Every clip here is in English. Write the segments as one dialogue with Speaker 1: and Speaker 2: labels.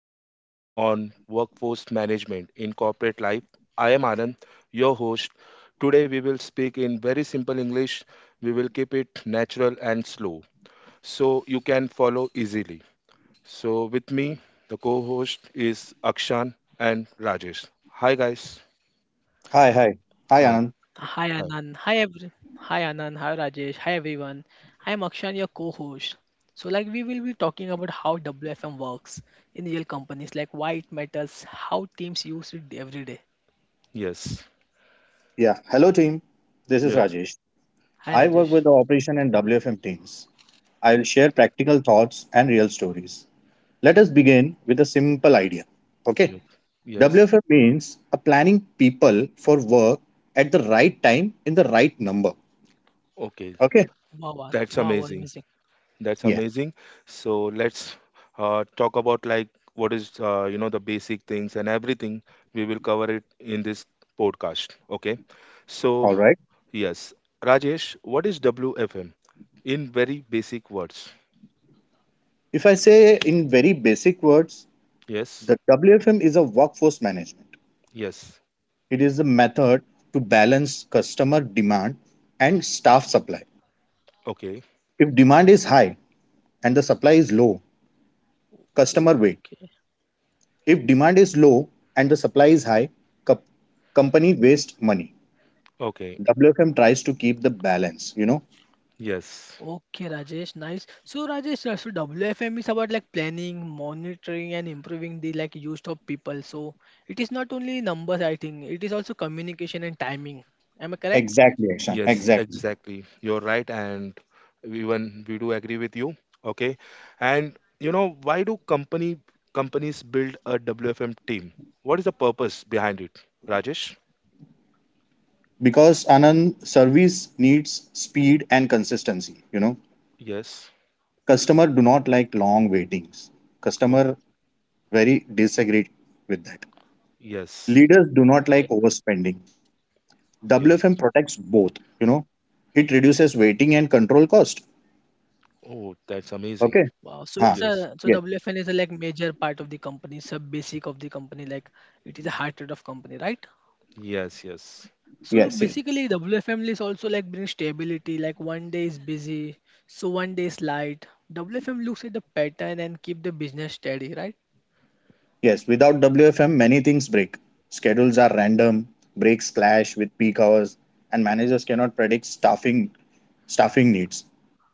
Speaker 1: conversation on workforce management in corporate life. I am Anand, your host. Today we will speak in very simple English. We will keep it natural and slow so you can follow easily. So with me, the co-host is Akshan and Rajesh. Hi guys.
Speaker 2: Hi. Hi,
Speaker 1: Hi.
Speaker 2: Anand.
Speaker 3: Hi
Speaker 1: Hi.
Speaker 3: Anand. Hi Anand. Hi Rajesh. Hi everyone. I am Akshan, your co-host. So we will be talking about how WFM works in real companies, like why it matters, how teams use it every day.
Speaker 1: Yes.
Speaker 2: Yeah. Hello, team. This is
Speaker 1: Yes.
Speaker 2: Rajesh. I work
Speaker 3: Hi
Speaker 2: with the
Speaker 3: Rajesh.
Speaker 2: operation and WFM teams. I will share practical thoughts and real stories. Let us begin with a simple idea. Okay.
Speaker 1: Yes. Yes.
Speaker 2: WFM means a planning people for work at the right time in the right number.
Speaker 1: Okay.
Speaker 2: Okay.
Speaker 3: Wow,
Speaker 1: That's
Speaker 3: wow, wow,
Speaker 1: amazing.
Speaker 3: wow, amazing.
Speaker 1: That's
Speaker 2: Yeah.
Speaker 1: amazing. So let's talk about like what is the basic things and everything. We will cover it in this podcast. Okay. So
Speaker 2: All right.
Speaker 1: yes, Rajesh, what is WFM in very basic words?
Speaker 2: If I say in very basic words,
Speaker 1: Yes.
Speaker 2: the WFM is a workforce management.
Speaker 1: Yes.
Speaker 2: It is the method to balance customer demand and staff supply.
Speaker 1: Okay.
Speaker 2: If demand is high and the supply is low, customer
Speaker 3: Oh,
Speaker 2: wait.
Speaker 3: Okay.
Speaker 2: If demand is low and the supply is high, co- company waste money.
Speaker 1: Okay.
Speaker 2: WFM tries to keep the balance,
Speaker 1: Yes.
Speaker 3: Okay, Rajesh, nice. So Rajesh, so WFM is about like planning, monitoring, and improving the use of people. So it is not only numbers, I think. It is also communication and timing. Am I correct?
Speaker 2: Exactly, Akshan.
Speaker 1: Yes,
Speaker 2: Exactly.
Speaker 1: exactly. You're right, and even we do agree with you. Okay, and you know why do company companies build a WFM team? What is the purpose behind it, Rajesh?
Speaker 2: Because Anand service needs speed and consistency,
Speaker 1: Yes.
Speaker 2: Customer do not like long waitings.
Speaker 1: Oh,
Speaker 2: Customer very disagree with that.
Speaker 1: yes.
Speaker 2: Leaders do not
Speaker 3: Okay.
Speaker 2: like overspending.
Speaker 1: Yes.
Speaker 2: WFM protects both, you know. It reduces waiting and control cost.
Speaker 1: Oh, that's amazing.
Speaker 2: Okay.
Speaker 3: Wow. So
Speaker 2: Huh.
Speaker 3: it's
Speaker 1: Yes.
Speaker 3: a so
Speaker 2: Yes.
Speaker 3: WFN is a like major part of the company, sub basic of the company, like it is a heart rate of company, right?
Speaker 1: Yes. Yes.
Speaker 3: So
Speaker 2: Yes, yes,
Speaker 3: basically WFM is also like bring stability, like one day is busy, so one day is light. WFM looks at the pattern and keep the business steady, right?
Speaker 2: yes. Without WFM, many things break. Schedules are random, breaks clash with peak hours, and managers cannot predict staffing needs.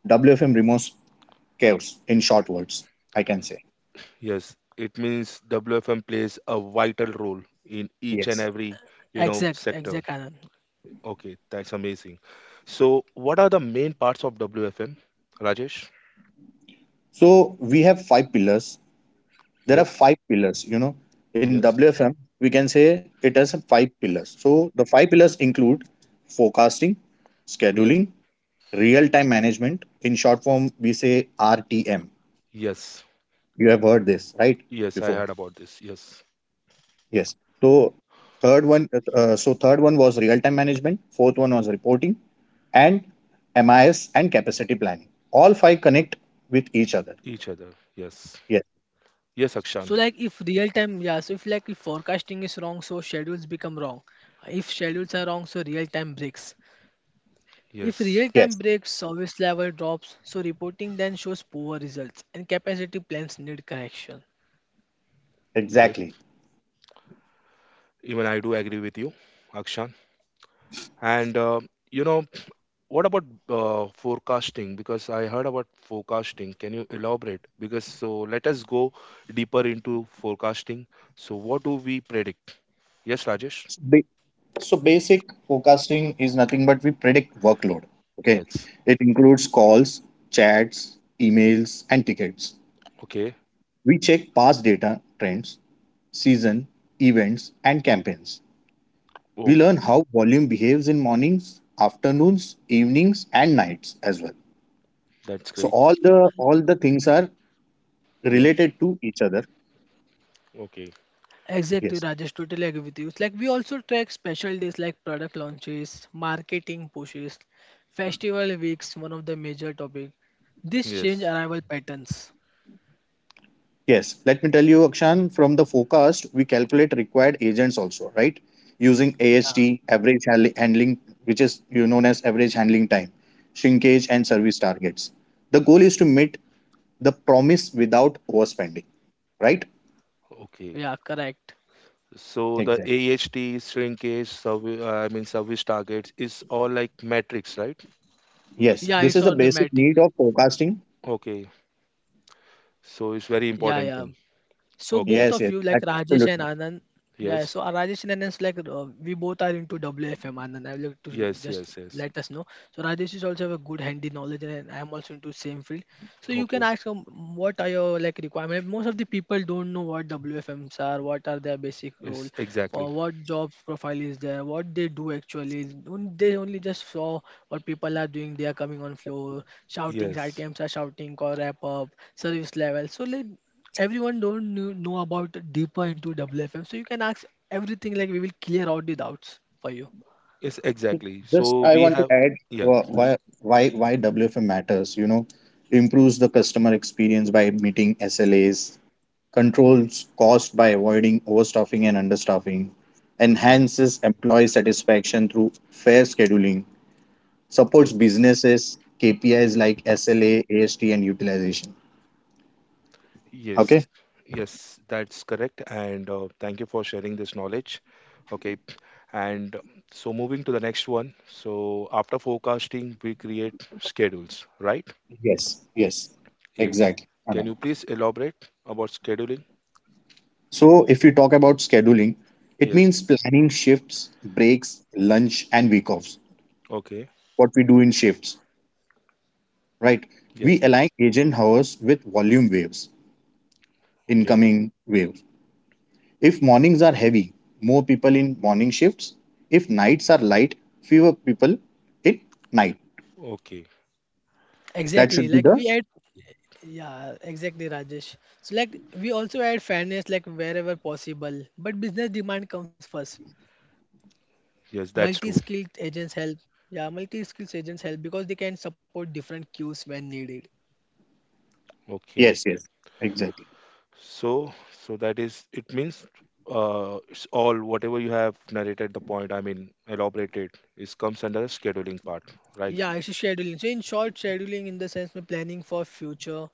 Speaker 2: WFM removes chaos, in short words, I can say.
Speaker 1: Yes. It means WFM plays a vital role in each and
Speaker 2: Yes.
Speaker 1: every
Speaker 3: Exact,
Speaker 1: sector.
Speaker 3: exact Anand.
Speaker 1: Okay, that's amazing. So, what are the main parts of WFM, Rajesh?
Speaker 2: So we have five pillars. There are
Speaker 1: Yes,
Speaker 2: five pillars, In
Speaker 1: yes,
Speaker 2: WFM, we can say it has five pillars. So the five pillars include forecasting,
Speaker 1: yes,
Speaker 2: scheduling, real time management, in short form we say RTM.
Speaker 1: yes,
Speaker 2: You have heard this, right?
Speaker 1: yes. I
Speaker 2: Before,
Speaker 1: heard about this. Yes,
Speaker 2: yes. So third one, so third one was real time management, fourth one was reporting and MIS and capacity planning. All five connect with each other.
Speaker 1: each other. Yes,
Speaker 2: Yes,
Speaker 1: yes,
Speaker 3: So
Speaker 1: Akshan.
Speaker 3: like if real time, yeah, so if like if forecasting is wrong, so schedules become wrong. If schedules are wrong, so real time breaks. If
Speaker 1: Yes,
Speaker 3: real-time
Speaker 2: yes,
Speaker 3: breaks, service level drops, so reporting then shows poor results and capacity plans need correction.
Speaker 2: exactly.
Speaker 1: yes. Even I do agree with you, Akshan. And you know, what about forecasting? Because I heard about forecasting. Can you elaborate? Because so let us go deeper into forecasting. So what do we predict? Yes, Rajesh.
Speaker 2: so, ba- so basic forecasting is nothing but we predict workload. Okay,
Speaker 1: Yes.
Speaker 2: it includes calls, chats, emails, and tickets.
Speaker 1: Okay.
Speaker 2: We check past data, trends, season, events, and campaigns.
Speaker 1: Oh,
Speaker 2: We learn how volume behaves in mornings, afternoons, evenings, and nights as well.
Speaker 1: that's
Speaker 2: So
Speaker 1: great.
Speaker 2: all the things are
Speaker 1: Yes.
Speaker 2: related to each other.
Speaker 1: Okay.
Speaker 3: Exactly,
Speaker 2: Yes.
Speaker 3: Rajesh, totally agree with you. It's like we also track special days like product launches, marketing pushes, festival weeks, one of the major topic. This change
Speaker 1: Yes.
Speaker 3: arrival patterns.
Speaker 2: Yes, let me tell you, Akshan, from the forecast, we calculate required agents also, right? Using
Speaker 3: Yeah,
Speaker 2: AHT, handling, which is you known as average handling time,
Speaker 1: Yes.
Speaker 2: shrinkage, and service targets. The goal is to meet the promise without overspending, right?
Speaker 1: Okay.
Speaker 3: yeah, correct.
Speaker 1: So the
Speaker 2: Exactly.
Speaker 1: AHT shrinkage, service, I mean service targets is all like metrics, right?
Speaker 2: Yes,
Speaker 3: Yeah,
Speaker 2: this
Speaker 3: it's
Speaker 2: is the
Speaker 3: all
Speaker 2: basic
Speaker 3: thematic.
Speaker 2: need of forecasting.
Speaker 1: Okay. So it's very
Speaker 3: Yeah,
Speaker 1: important
Speaker 3: yeah.
Speaker 1: thing.
Speaker 3: So both
Speaker 1: Okay.
Speaker 3: of
Speaker 2: Yes, yes,
Speaker 3: you, like Rajesh and
Speaker 2: absolutely.
Speaker 3: Anand, yeah. So
Speaker 1: Yes.
Speaker 3: Rajesh and Anand's we both are into WFM. Anand, I would like to
Speaker 1: Yes.
Speaker 3: just
Speaker 1: Yes. Yes.
Speaker 3: let us know. So Rajesh is also have a good handy knowledge, and I am also into same field. So you can
Speaker 1: Okay.
Speaker 3: ask him what are your like requirement. Most of the people don't know what WFMs are, what are their basic role,
Speaker 1: Yes.
Speaker 3: for
Speaker 1: Exactly.
Speaker 3: what job profile is there, what they do actually. They only just saw what people are doing. They are coming on floor, shouting. R
Speaker 1: Yes.
Speaker 3: T Ms are shouting, call wrap up, service level. So like everyone don't knew, know about deeper into WFM, so you can ask everything. Like we will clear out the doubts for you.
Speaker 1: Yes. Exactly.
Speaker 2: Just
Speaker 1: So
Speaker 2: I
Speaker 1: we
Speaker 2: want to
Speaker 1: have.
Speaker 2: add
Speaker 1: Yes.
Speaker 2: uh, why WFM matters. You know, improves the customer experience by meeting SLAs, controls cost by avoiding overstaffing and understaffing,
Speaker 1: Yes.
Speaker 2: enhances employee satisfaction through fair scheduling, supports
Speaker 1: Yes.
Speaker 2: businesses KPIs like SLA, AST, and utilization.
Speaker 1: Yes.
Speaker 2: Okay?
Speaker 1: Yes. That's correct. And thank you for sharing this knowledge. Okay. And so moving to the next one. So after forecasting, we create schedules, right?
Speaker 2: Yes, yes,
Speaker 1: Yes.
Speaker 2: exactly,
Speaker 1: Can
Speaker 2: Anand.
Speaker 1: you please elaborate about scheduling?
Speaker 2: So, if you talk about scheduling, it
Speaker 1: Yes.
Speaker 2: means planning shifts, breaks, lunch, and week offs.
Speaker 1: Okay.
Speaker 2: What we do in shifts, right?
Speaker 1: Yes.
Speaker 2: We align agent hours with volume waves,
Speaker 1: Okay.
Speaker 2: incoming waves. If mornings are heavy, more people in morning shifts. If nights are light, fewer people in night.
Speaker 1: Okay.
Speaker 2: That
Speaker 3: Exactly.
Speaker 2: should be the
Speaker 3: Exactly, Rajesh. So like we also add fairness, like wherever possible. But business demand comes first.
Speaker 1: Yes, that's
Speaker 3: Multi-skilled
Speaker 1: true.
Speaker 3: agents help. Yeah, multi-skilled agents help because they can support different queues when needed.
Speaker 1: Okay.
Speaker 2: yes, yes, exactly.
Speaker 1: So, so that is, it means it's all whatever you have narrated the point, I mean, elaborated, is comes under scheduling part, right?
Speaker 3: Yeah, it's a scheduling. So in short, scheduling in the sense of planning for future.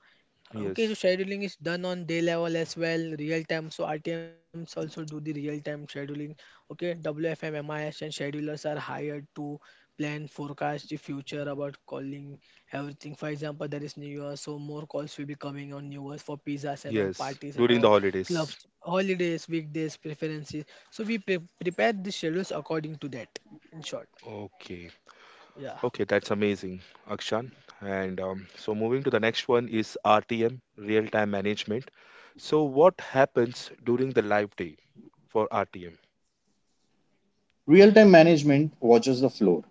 Speaker 3: Okay, so
Speaker 1: Yes.
Speaker 3: scheduling is done on day level as well, real time. So RTMs also do the real time scheduling. Okay, WFM, MIS, and schedulers are hired to plan, forecast the future about calling everything. For example, there is New Year, so more calls will be coming on New Year's for pizzas and all
Speaker 1: Yes.
Speaker 3: parties and
Speaker 1: During the
Speaker 3: all
Speaker 1: holidays.
Speaker 3: clubs, holidays, weekdays, preferences. So we prepare the schedules according to that. In short,
Speaker 1: Okay.
Speaker 3: yeah,
Speaker 1: Okay, that's amazing, Akshan. And so moving to the next one is RTM, real time management. So what happens during the live day for RTM?
Speaker 2: Real time management watches the floor.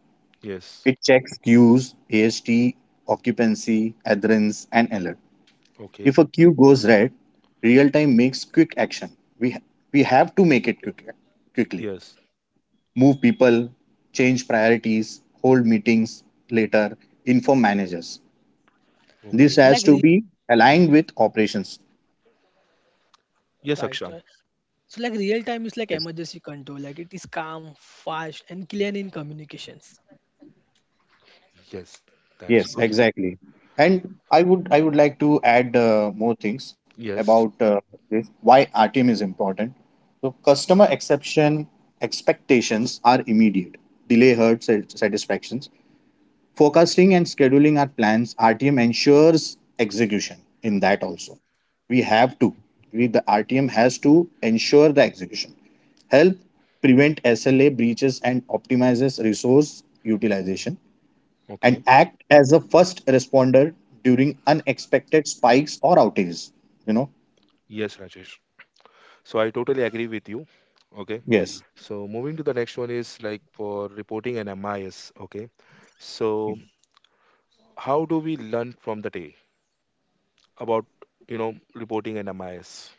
Speaker 1: Yes.
Speaker 2: It checks queues, AST, occupancy, adherence, and alert. If
Speaker 1: Okay.
Speaker 2: a queue goes red, real time makes quick action. We ha- we have to make it quick, quickly.
Speaker 1: Yes.
Speaker 2: Move people, change priorities, hold meetings later, inform managers. This
Speaker 1: Okay.
Speaker 2: has to
Speaker 3: like.
Speaker 2: be aligned with operations.
Speaker 1: Yes,
Speaker 3: Right,
Speaker 1: Akshan.
Speaker 3: right. So like real
Speaker 2: Yes.
Speaker 3: time is like emergency control. Like it is calm, fast, and clean in communications.
Speaker 1: Yes. That's
Speaker 2: Yes,
Speaker 1: good.
Speaker 2: exactly. And I would like to add more things
Speaker 1: Yes.
Speaker 2: about this why RTM is important. So customer exception expectations are immediate. Delay hurts satisfactions. Forecasting and scheduling our plans, RTM ensures execution in that also. We have to. We, the RTM has to ensure the execution. Help prevent SLA breaches and optimizes resource utilization and
Speaker 1: Okay.
Speaker 2: act as a first responder during unexpected spikes or outages. You know?
Speaker 1: Yes, Rajesh. So I totally agree with you. Okay.
Speaker 2: Yes.
Speaker 1: So moving to the next one is like for reporting an MIS. Okay. So how do we learn from the day about, reporting an MIS?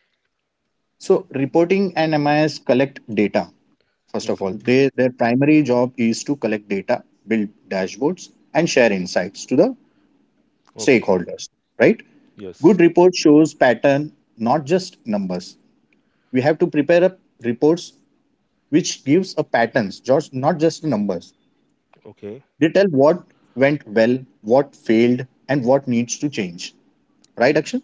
Speaker 2: So reporting and MIS collect data. First of
Speaker 1: Okay.
Speaker 2: all, they, their primary job is to collect data, build dashboards, and share insights to the
Speaker 1: Okay.
Speaker 2: stakeholders, right?
Speaker 1: Yes.
Speaker 2: Good report shows pattern, not just numbers. We have to prepare up reports which gives a patterns, just not just numbers.
Speaker 1: Okay.
Speaker 2: They tell what went well, what failed, and what needs to change. Right, Akshay?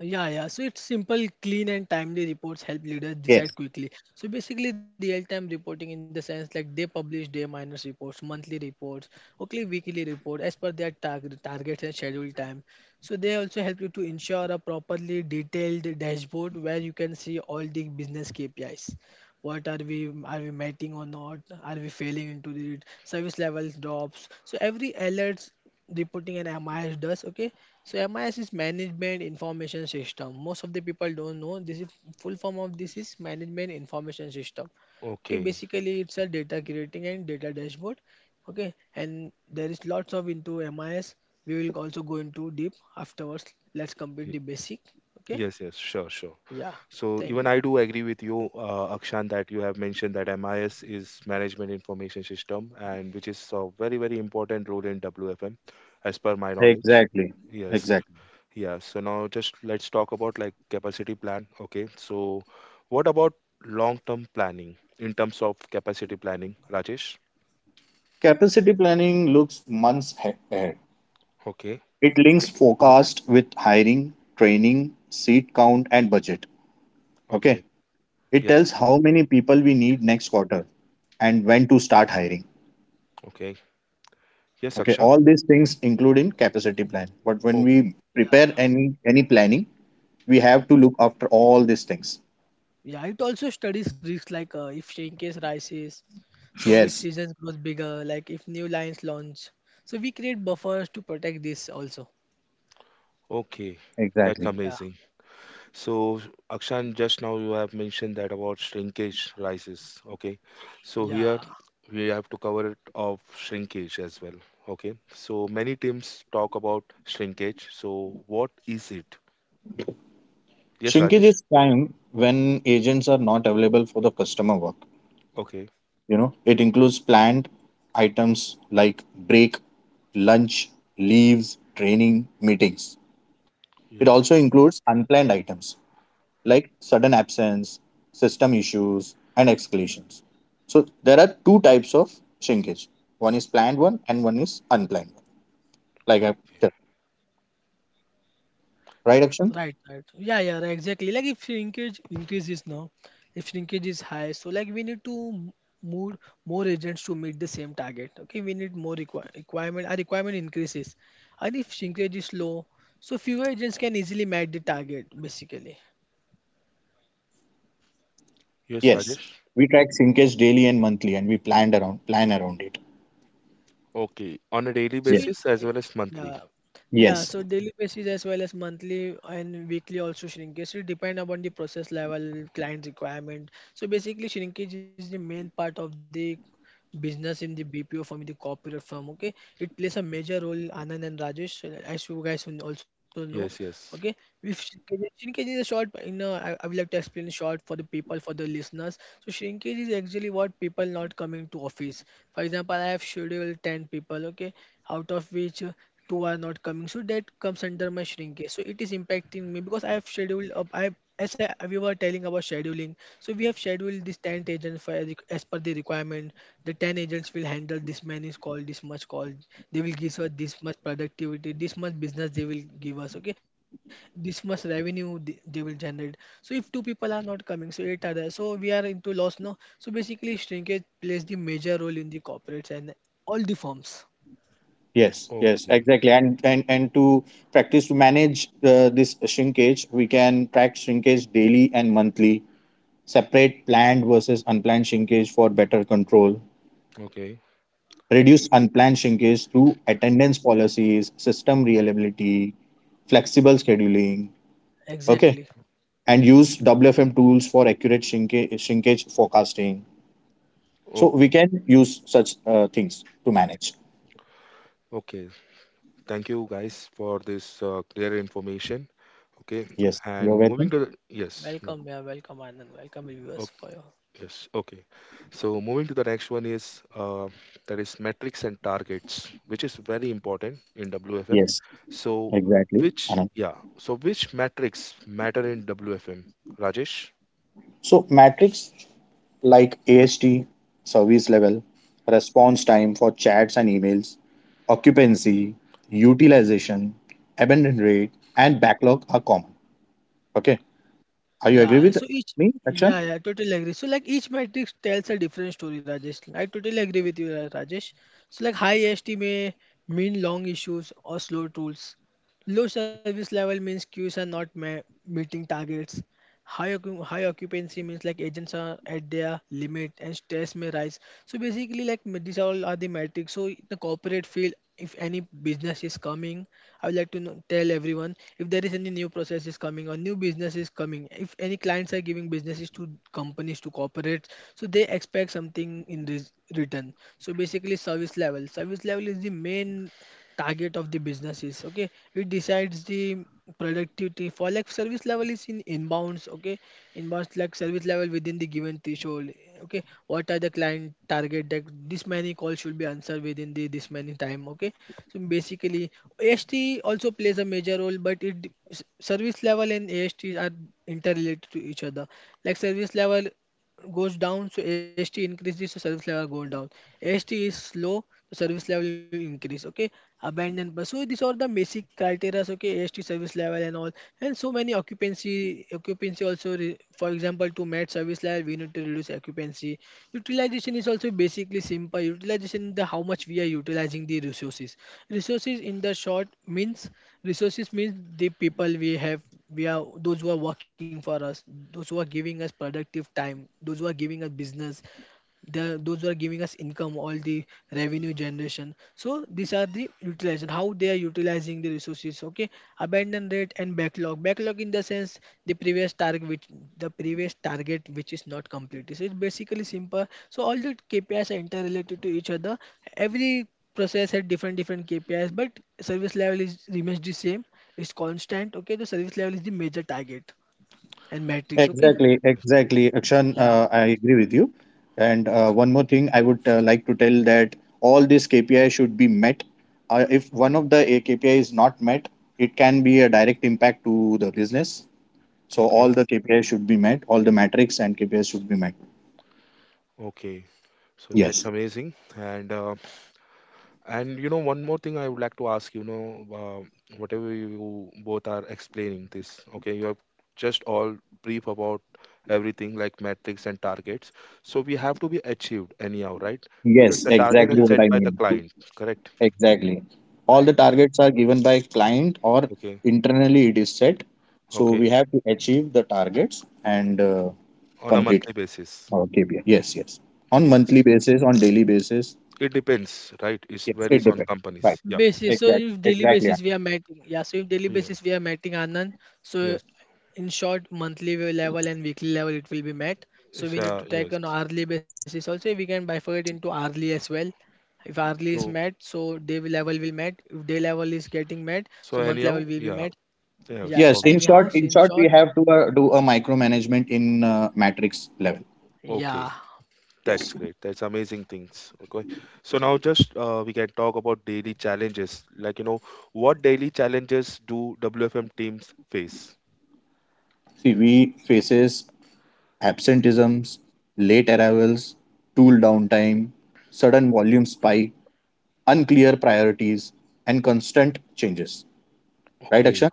Speaker 3: Yeah, yeah. So it's simple, clean, and timely reports help leaders decide
Speaker 2: Yes,
Speaker 3: quickly. So basically, real time reporting in the sense like they publish day minus reports, monthly reports, okay, weekly report as per their targets and schedule time. So they also help you to ensure a properly detailed dashboard where you can see all the business KPIs. What are we mating or not, are we failing into the service levels drops, so every alerts reporting an MIS does. Okay, so MIS is management information system. Most of the people don't know this is full form of this is management information system. Okay,
Speaker 1: Okay.
Speaker 3: basically it's a data creating and data dashboard. Okay, and there is lots of into MIS. We will also go into deep afterwards. Let's complete
Speaker 1: Y-
Speaker 3: the basic. Okay,
Speaker 1: Yes. Yes. Sure. Sure.
Speaker 3: yeah,
Speaker 1: So
Speaker 3: thank
Speaker 1: even
Speaker 3: you,
Speaker 1: I do agree with you, Akshan, that you have mentioned that MIS is Management Information System, and which is a very important role in WFM, as per my knowledge.
Speaker 2: exactly.
Speaker 1: Yes,
Speaker 2: Exactly.
Speaker 1: yeah. So now just let's talk about like capacity plan. Okay, so what about long term planning in terms of capacity planning, Rajesh?
Speaker 2: Capacity planning looks months ahead.
Speaker 1: Okay,
Speaker 2: It links forecast with hiring, training, seat count, and budget. Okay.
Speaker 1: okay,
Speaker 2: It
Speaker 1: yes,
Speaker 2: tells how many people we need next quarter and when to start hiring.
Speaker 1: okay, yes,
Speaker 2: Okay,
Speaker 1: Akshan.
Speaker 2: all these things include in capacity plan. But when
Speaker 1: Oh,
Speaker 2: we prepare
Speaker 3: yeah.
Speaker 2: any planning, we
Speaker 1: okay,
Speaker 2: have to look after all these things.
Speaker 3: Yeah, it also studies risks like if shrinkage rises, so if
Speaker 2: Yes,
Speaker 3: seasons grows bigger, like if new lines launch. So we create buffers to protect this also.
Speaker 1: okay. That's
Speaker 2: exactly.
Speaker 3: Yeah,
Speaker 1: amazing. So, Akshan, just now you have mentioned that about shrinkage rises. Okay. So, here
Speaker 3: yeah,
Speaker 1: we have to cover it of shrinkage as well. Okay. So, many teams talk about shrinkage. So, what is it? Yes,
Speaker 2: Shrinkage
Speaker 1: Rajesh?
Speaker 2: is time when agents are not available for the customer work.
Speaker 1: Okay.
Speaker 2: You know, it includes planned items like break, lunch, leaves, training, meetings. It
Speaker 1: Yes.
Speaker 2: also includes unplanned items like sudden absence, system issues, and escalations. So there are two types of shrinkage. One is planned one and one is unplanned one. Like I
Speaker 1: Okay.
Speaker 2: tell- right action?
Speaker 3: right, right. Yeah, yeah, right, exactly. Like if shrinkage increases now, if shrinkage is high, so like we need to move more agents to meet the same target. Okay, we need more requirement. Our requirement increases, and if shrinkage is low, so fewer agents can easily meet the target basically.
Speaker 1: Yes,
Speaker 2: Yes.
Speaker 1: Rajesh?
Speaker 2: We track shrinkage daily and monthly and we plan around it.
Speaker 1: Okay. On a daily
Speaker 3: So
Speaker 2: Yes.
Speaker 3: in
Speaker 1: basis as
Speaker 3: eh,
Speaker 1: well
Speaker 3: eh,
Speaker 1: as monthly.
Speaker 3: yeah, yeah.
Speaker 2: Yes.
Speaker 3: So daily basis as well as monthly and weekly also shrinkage. It depend upon the process level, client requirement. So basically, shrinkage is the main part of the business in the BPO firm, in the corporate firm. Okay, it plays a major role, Anand and Rajesh, as you guys will also know.
Speaker 1: Yes,
Speaker 3: Okay,
Speaker 1: yes.
Speaker 3: if shrinkage is a short, I would like to explain in short for the people, for the listeners. So shrinkage is actually what people not coming to office. For example, I have scheduled 10 people. Okay, out of which two are not coming, so that comes under my shrinkage. So it is impacting me because I have scheduled up. I have, we were telling about scheduling, so we have scheduled this 10 agents for as per the requirement. The 10 agents will handle this many call, this much call. They will give us this much productivity, this much business they will give us. Okay, this much revenue they will generate. So if two people are not coming, so 8 are there. So we are into loss now. So basically, shrinkage plays the major role in the corporates and all the firms.
Speaker 2: Yes.
Speaker 1: Okay.
Speaker 2: Exactly. And and, to practice to manage this shrinkage, we can track shrinkage daily and monthly, separate planned versus unplanned shrinkage for better control,
Speaker 1: Okay.
Speaker 2: reduce unplanned shrinkage through attendance policies, system reliability, flexible scheduling, okay,
Speaker 3: Exactly.
Speaker 2: and use WFM tools for accurate shrinkage forecasting. So we
Speaker 1: Okay.
Speaker 2: can use such things to manage.
Speaker 1: Okay. Thank you guys for this clear information. Okay.
Speaker 2: Yes, you're
Speaker 1: And moving
Speaker 2: welcome.
Speaker 1: to the. Yes. Yeah.
Speaker 3: Welcome, yeah, welcome, Anand. Welcome, viewers, for you.
Speaker 1: Yes, okay. So moving to the next one is that is metrics and targets, which is very important in WFM.
Speaker 2: Yes,
Speaker 1: So
Speaker 2: exactly,
Speaker 1: which
Speaker 2: Anand.
Speaker 1: yeah, so which metrics matter in WFM, Rajesh?
Speaker 2: So metrics like AST, service level, response time for chats and emails, occupancy, utilization, abandon rate, and backlog are common. Okay. Are you agree
Speaker 3: Yeah,
Speaker 2: with
Speaker 3: so each
Speaker 2: me, Akshan?
Speaker 3: yeah, totally agree. So like each matrix tells a different story, Rajesh. I totally agree with you, Rajesh. So like high AST may mean long issues or slow tools. Low service level means queues are not ma- meeting targets. High occupancy means like agents are at their limit and stress may rise. So basically, these all are the metrics. So in the corporate field, if any business is coming, I would like to know, tell everyone if there is any new process is coming or new business is coming. If any clients are giving businesses to companies to corporates, so they expect something in this return. So basically, service level. Service level is the main target of the business is. Okay, it decides the productivity for service level is in inbounds. Okay, inbounds like service level within the given threshold. Okay, what are the client target that this many calls should be answered within the this many time. Okay, so basically AST also plays a major role, but service level and AST are interrelated to each other. Like service level goes down, so AST increases, so service level goes down. AST is slow, so service level will increase. Okay, abandon bus. So these are the basic criteria. Okay, AST service level and all, and so many occupancy also. For example, to match service level, we need to reduce occupancy. Utilization is also basically simple. Utilization in the how much we are utilizing the resources. Resources in the short means resources means the people we have, we are those who are working for us, those who are giving us productive time, those who are giving us business, the those who are giving us income, all the revenue generation. So these are the utilization, how they are utilizing the resources. Okay, abandon rate and backlog. Backlog in the sense the previous target which the previous target which is not completed. So it's basically simple. So all the KPIs are interrelated to each other. Every process had different KPIs, but service level is remains the same. It's constant. Okay, the service level is the major target and metrics. Okay,
Speaker 2: Exactly, exactly, Akshan.
Speaker 3: yeah
Speaker 2: I agree with you. And one more thing, I would like to tell that all these KPI should be met. If one of the KPI is not met, it can be a direct impact to the business. So all
Speaker 1: Okay,
Speaker 2: the KPI should be met. All the metrics and KPIs should be met.
Speaker 1: okay. So
Speaker 2: Yes.
Speaker 1: that's amazing. And and you know, one more thing I would like to ask, you know, whatever you both are explaining this, okay, you have just all brief about everything like metrics and targets. So we have to be achieved anyhow, right? Because
Speaker 2: Yes,
Speaker 1: the target is
Speaker 2: exactly
Speaker 3: yeah
Speaker 2: what
Speaker 1: set
Speaker 2: I
Speaker 1: by the
Speaker 2: mean.
Speaker 1: client, correct?
Speaker 2: Exactly. All the
Speaker 3: right
Speaker 2: targets are given by client or
Speaker 1: Okay,
Speaker 2: internally it is set. So
Speaker 1: okay,
Speaker 2: we have to achieve the targets and
Speaker 1: on a
Speaker 2: complete
Speaker 1: monthly basis.
Speaker 2: our KPI. Yes, yes. On
Speaker 1: Yes,
Speaker 2: monthly basis, on daily basis.
Speaker 1: it depends, right? It
Speaker 2: Yes, it
Speaker 1: varies on
Speaker 2: depends. Right.
Speaker 1: companies. Yeah,
Speaker 3: Basis. So
Speaker 2: Exactly.
Speaker 3: if daily
Speaker 2: Exactly.
Speaker 3: basis we are meeting, yeah. So if daily
Speaker 1: yeah,
Speaker 3: basis we are meeting, Anand, so
Speaker 1: yes,
Speaker 3: in short, level and weekly level it will be met. So we need to take
Speaker 1: yes.
Speaker 3: on hourly basis also. We can bifurcate into hourly as well. If hourly is met,
Speaker 1: So,
Speaker 3: so day level will met. If day level is getting met, so
Speaker 1: so
Speaker 3: month level
Speaker 1: anyhow,
Speaker 3: will be
Speaker 1: yeah,
Speaker 3: met. Yeah.
Speaker 1: yes,
Speaker 2: Yes. In
Speaker 3: Anyhow,
Speaker 1: obviously.
Speaker 3: so
Speaker 2: short,
Speaker 3: in
Speaker 2: in
Speaker 3: short,
Speaker 2: short, we have to do a micromanagement in matrix level.
Speaker 3: yeah.
Speaker 1: Okay.
Speaker 2: Yes.
Speaker 1: That's great. That's amazing things. Okay. So now just we can talk about daily challenges. Like, you know, what daily challenges do WFM teams face?
Speaker 2: See, we faces absenteeisms, late arrivals, tool downtime, sudden volume spike, unclear priorities, and constant changes. Right,
Speaker 1: Okay.
Speaker 2: Akshan?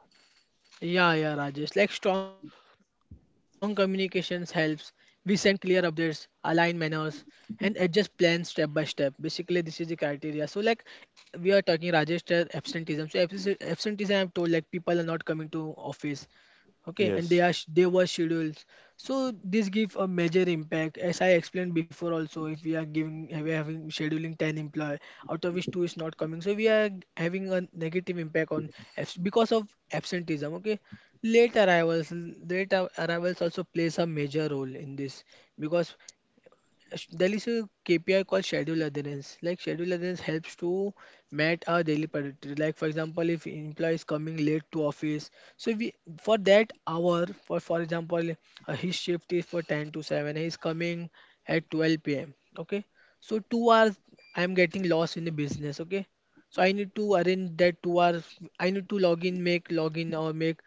Speaker 3: Yeah, yeah, Rajesh. Like strong communications helps. We send clear updates, align manners, and adjust plans step by step. Basically, this is the criteria. So, like we are talking Rajesh absenteeism. So absenteeism, I'm told, like, people are not coming to office. Okay, and they
Speaker 1: Yes.
Speaker 3: are they were scheduled, so this give a major impact, as I explained before also. If we are having scheduling 10 employee, out of which two is not coming, so we are having a negative impact on because of absenteeism. Okay. Late arrivals also plays a major role in this because there is a KPI called schedule adherence. Like, schedule adherence helps to meet our daily priority. Like, for example, if employee is coming late to office, so we for that hour, for example, his shift is for 10 to 7. He is coming at 12 p.m. Okay, so 2 hours I am getting lost in the business. Okay, so I need to arrange that 2 hours. I need to log in, make login, or make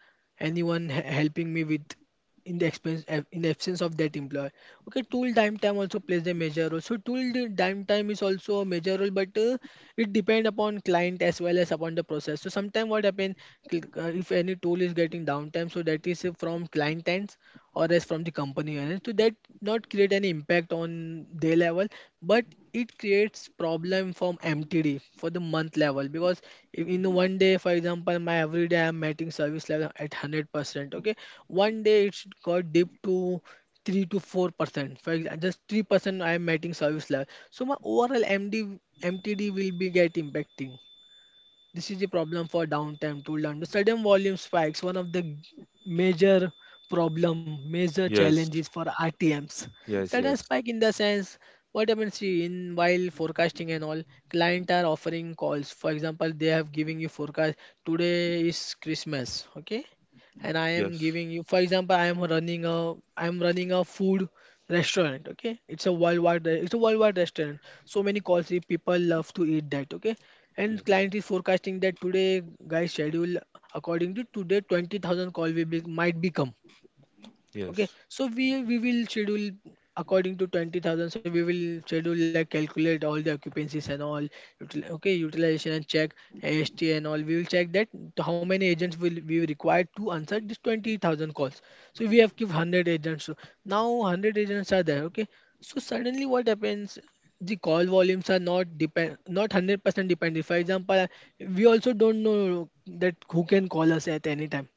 Speaker 3: anyone helping me with in the expense, in the absence of that employer. Okay. Tool downtime also plays a major role, so downtime is also a major role, but it depend upon client as well as upon the process. So sometimes what happen, if any tool is getting downtime, so that is, from client ends or else from the company else. So that not create any impact on their level, but it creates problem from MTD for the month level, because if in one day, for example, my every day I'm meeting service level at 100%. Okay, one day it should got dip to 3 to 4%. For example, just 3% I'm meeting service level. So my overall MD MTD will be get impacting. This is the problem for downtime to learn. The sudden volume spikes, one of the major problem, major
Speaker 1: Yes.
Speaker 3: challenges for RTMs.
Speaker 1: Yes.
Speaker 3: Sudden
Speaker 1: Yes.
Speaker 3: spike in the sense, what happens in while forecasting and all, client are offering calls. For example, they have giving you forecast today is Christmas, okay? And I am
Speaker 1: Yes.
Speaker 3: giving you, for example, I am running a food restaurant. Okay, it's a worldwide restaurant. So many calls, if people love to eat that. Okay, and
Speaker 1: Yes.
Speaker 3: client is forecasting that today, guys, schedule according to today, 20,000 call will be might become. Okay,
Speaker 1: Yes.
Speaker 3: so we will schedule according to 20,000, so we will schedule, like, calculate all the occupancies and all okay, utilization and check AST and all. We will check that to how many agents will we require to answer this 20,000 calls. So we have give 100 agents. So now 100 agents are there. Okay, so suddenly what happens, the call volumes are not depend not 100% dependent. For example, we also don't know that who can call us at any time.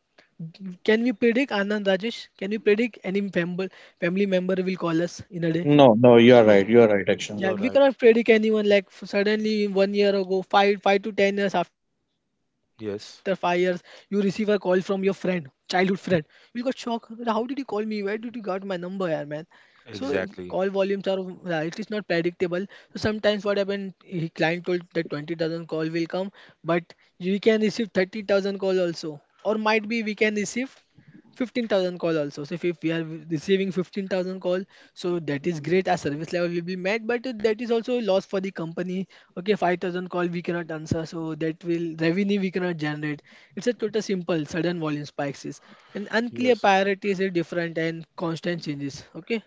Speaker 3: Can we predict, Anand, Rajesh? Can we predict any family member will call us in a day?
Speaker 2: No, no, you are right.
Speaker 1: No,
Speaker 2: You are right, Akshan.
Speaker 3: Yeah,
Speaker 1: you're
Speaker 3: we
Speaker 1: right.
Speaker 3: cannot predict anyone. Like, suddenly one year ago, 5 to 10 years after 5 years, you receive a
Speaker 1: Yes.
Speaker 3: call from your friend, childhood friend. You'll go shock. How did he call me? Where did he got my number, yeah, man? So call
Speaker 1: Exactly.
Speaker 3: volumes are, it is not predictable. So sometimes what happened, he client told that 20,000 call will come, but we can receive 30,000 call also, or might be we can receive 15,000 call also. So if we are receiving 15,000 call, so that is great. Our service level will be met, but that is also a loss for the company. Okay, 5,000 call we cannot answer, so that will revenue we cannot generate. It's a total simple sudden volume spikes is, and unclear
Speaker 1: Yes.
Speaker 3: priorities are different, and constant changes. Okay,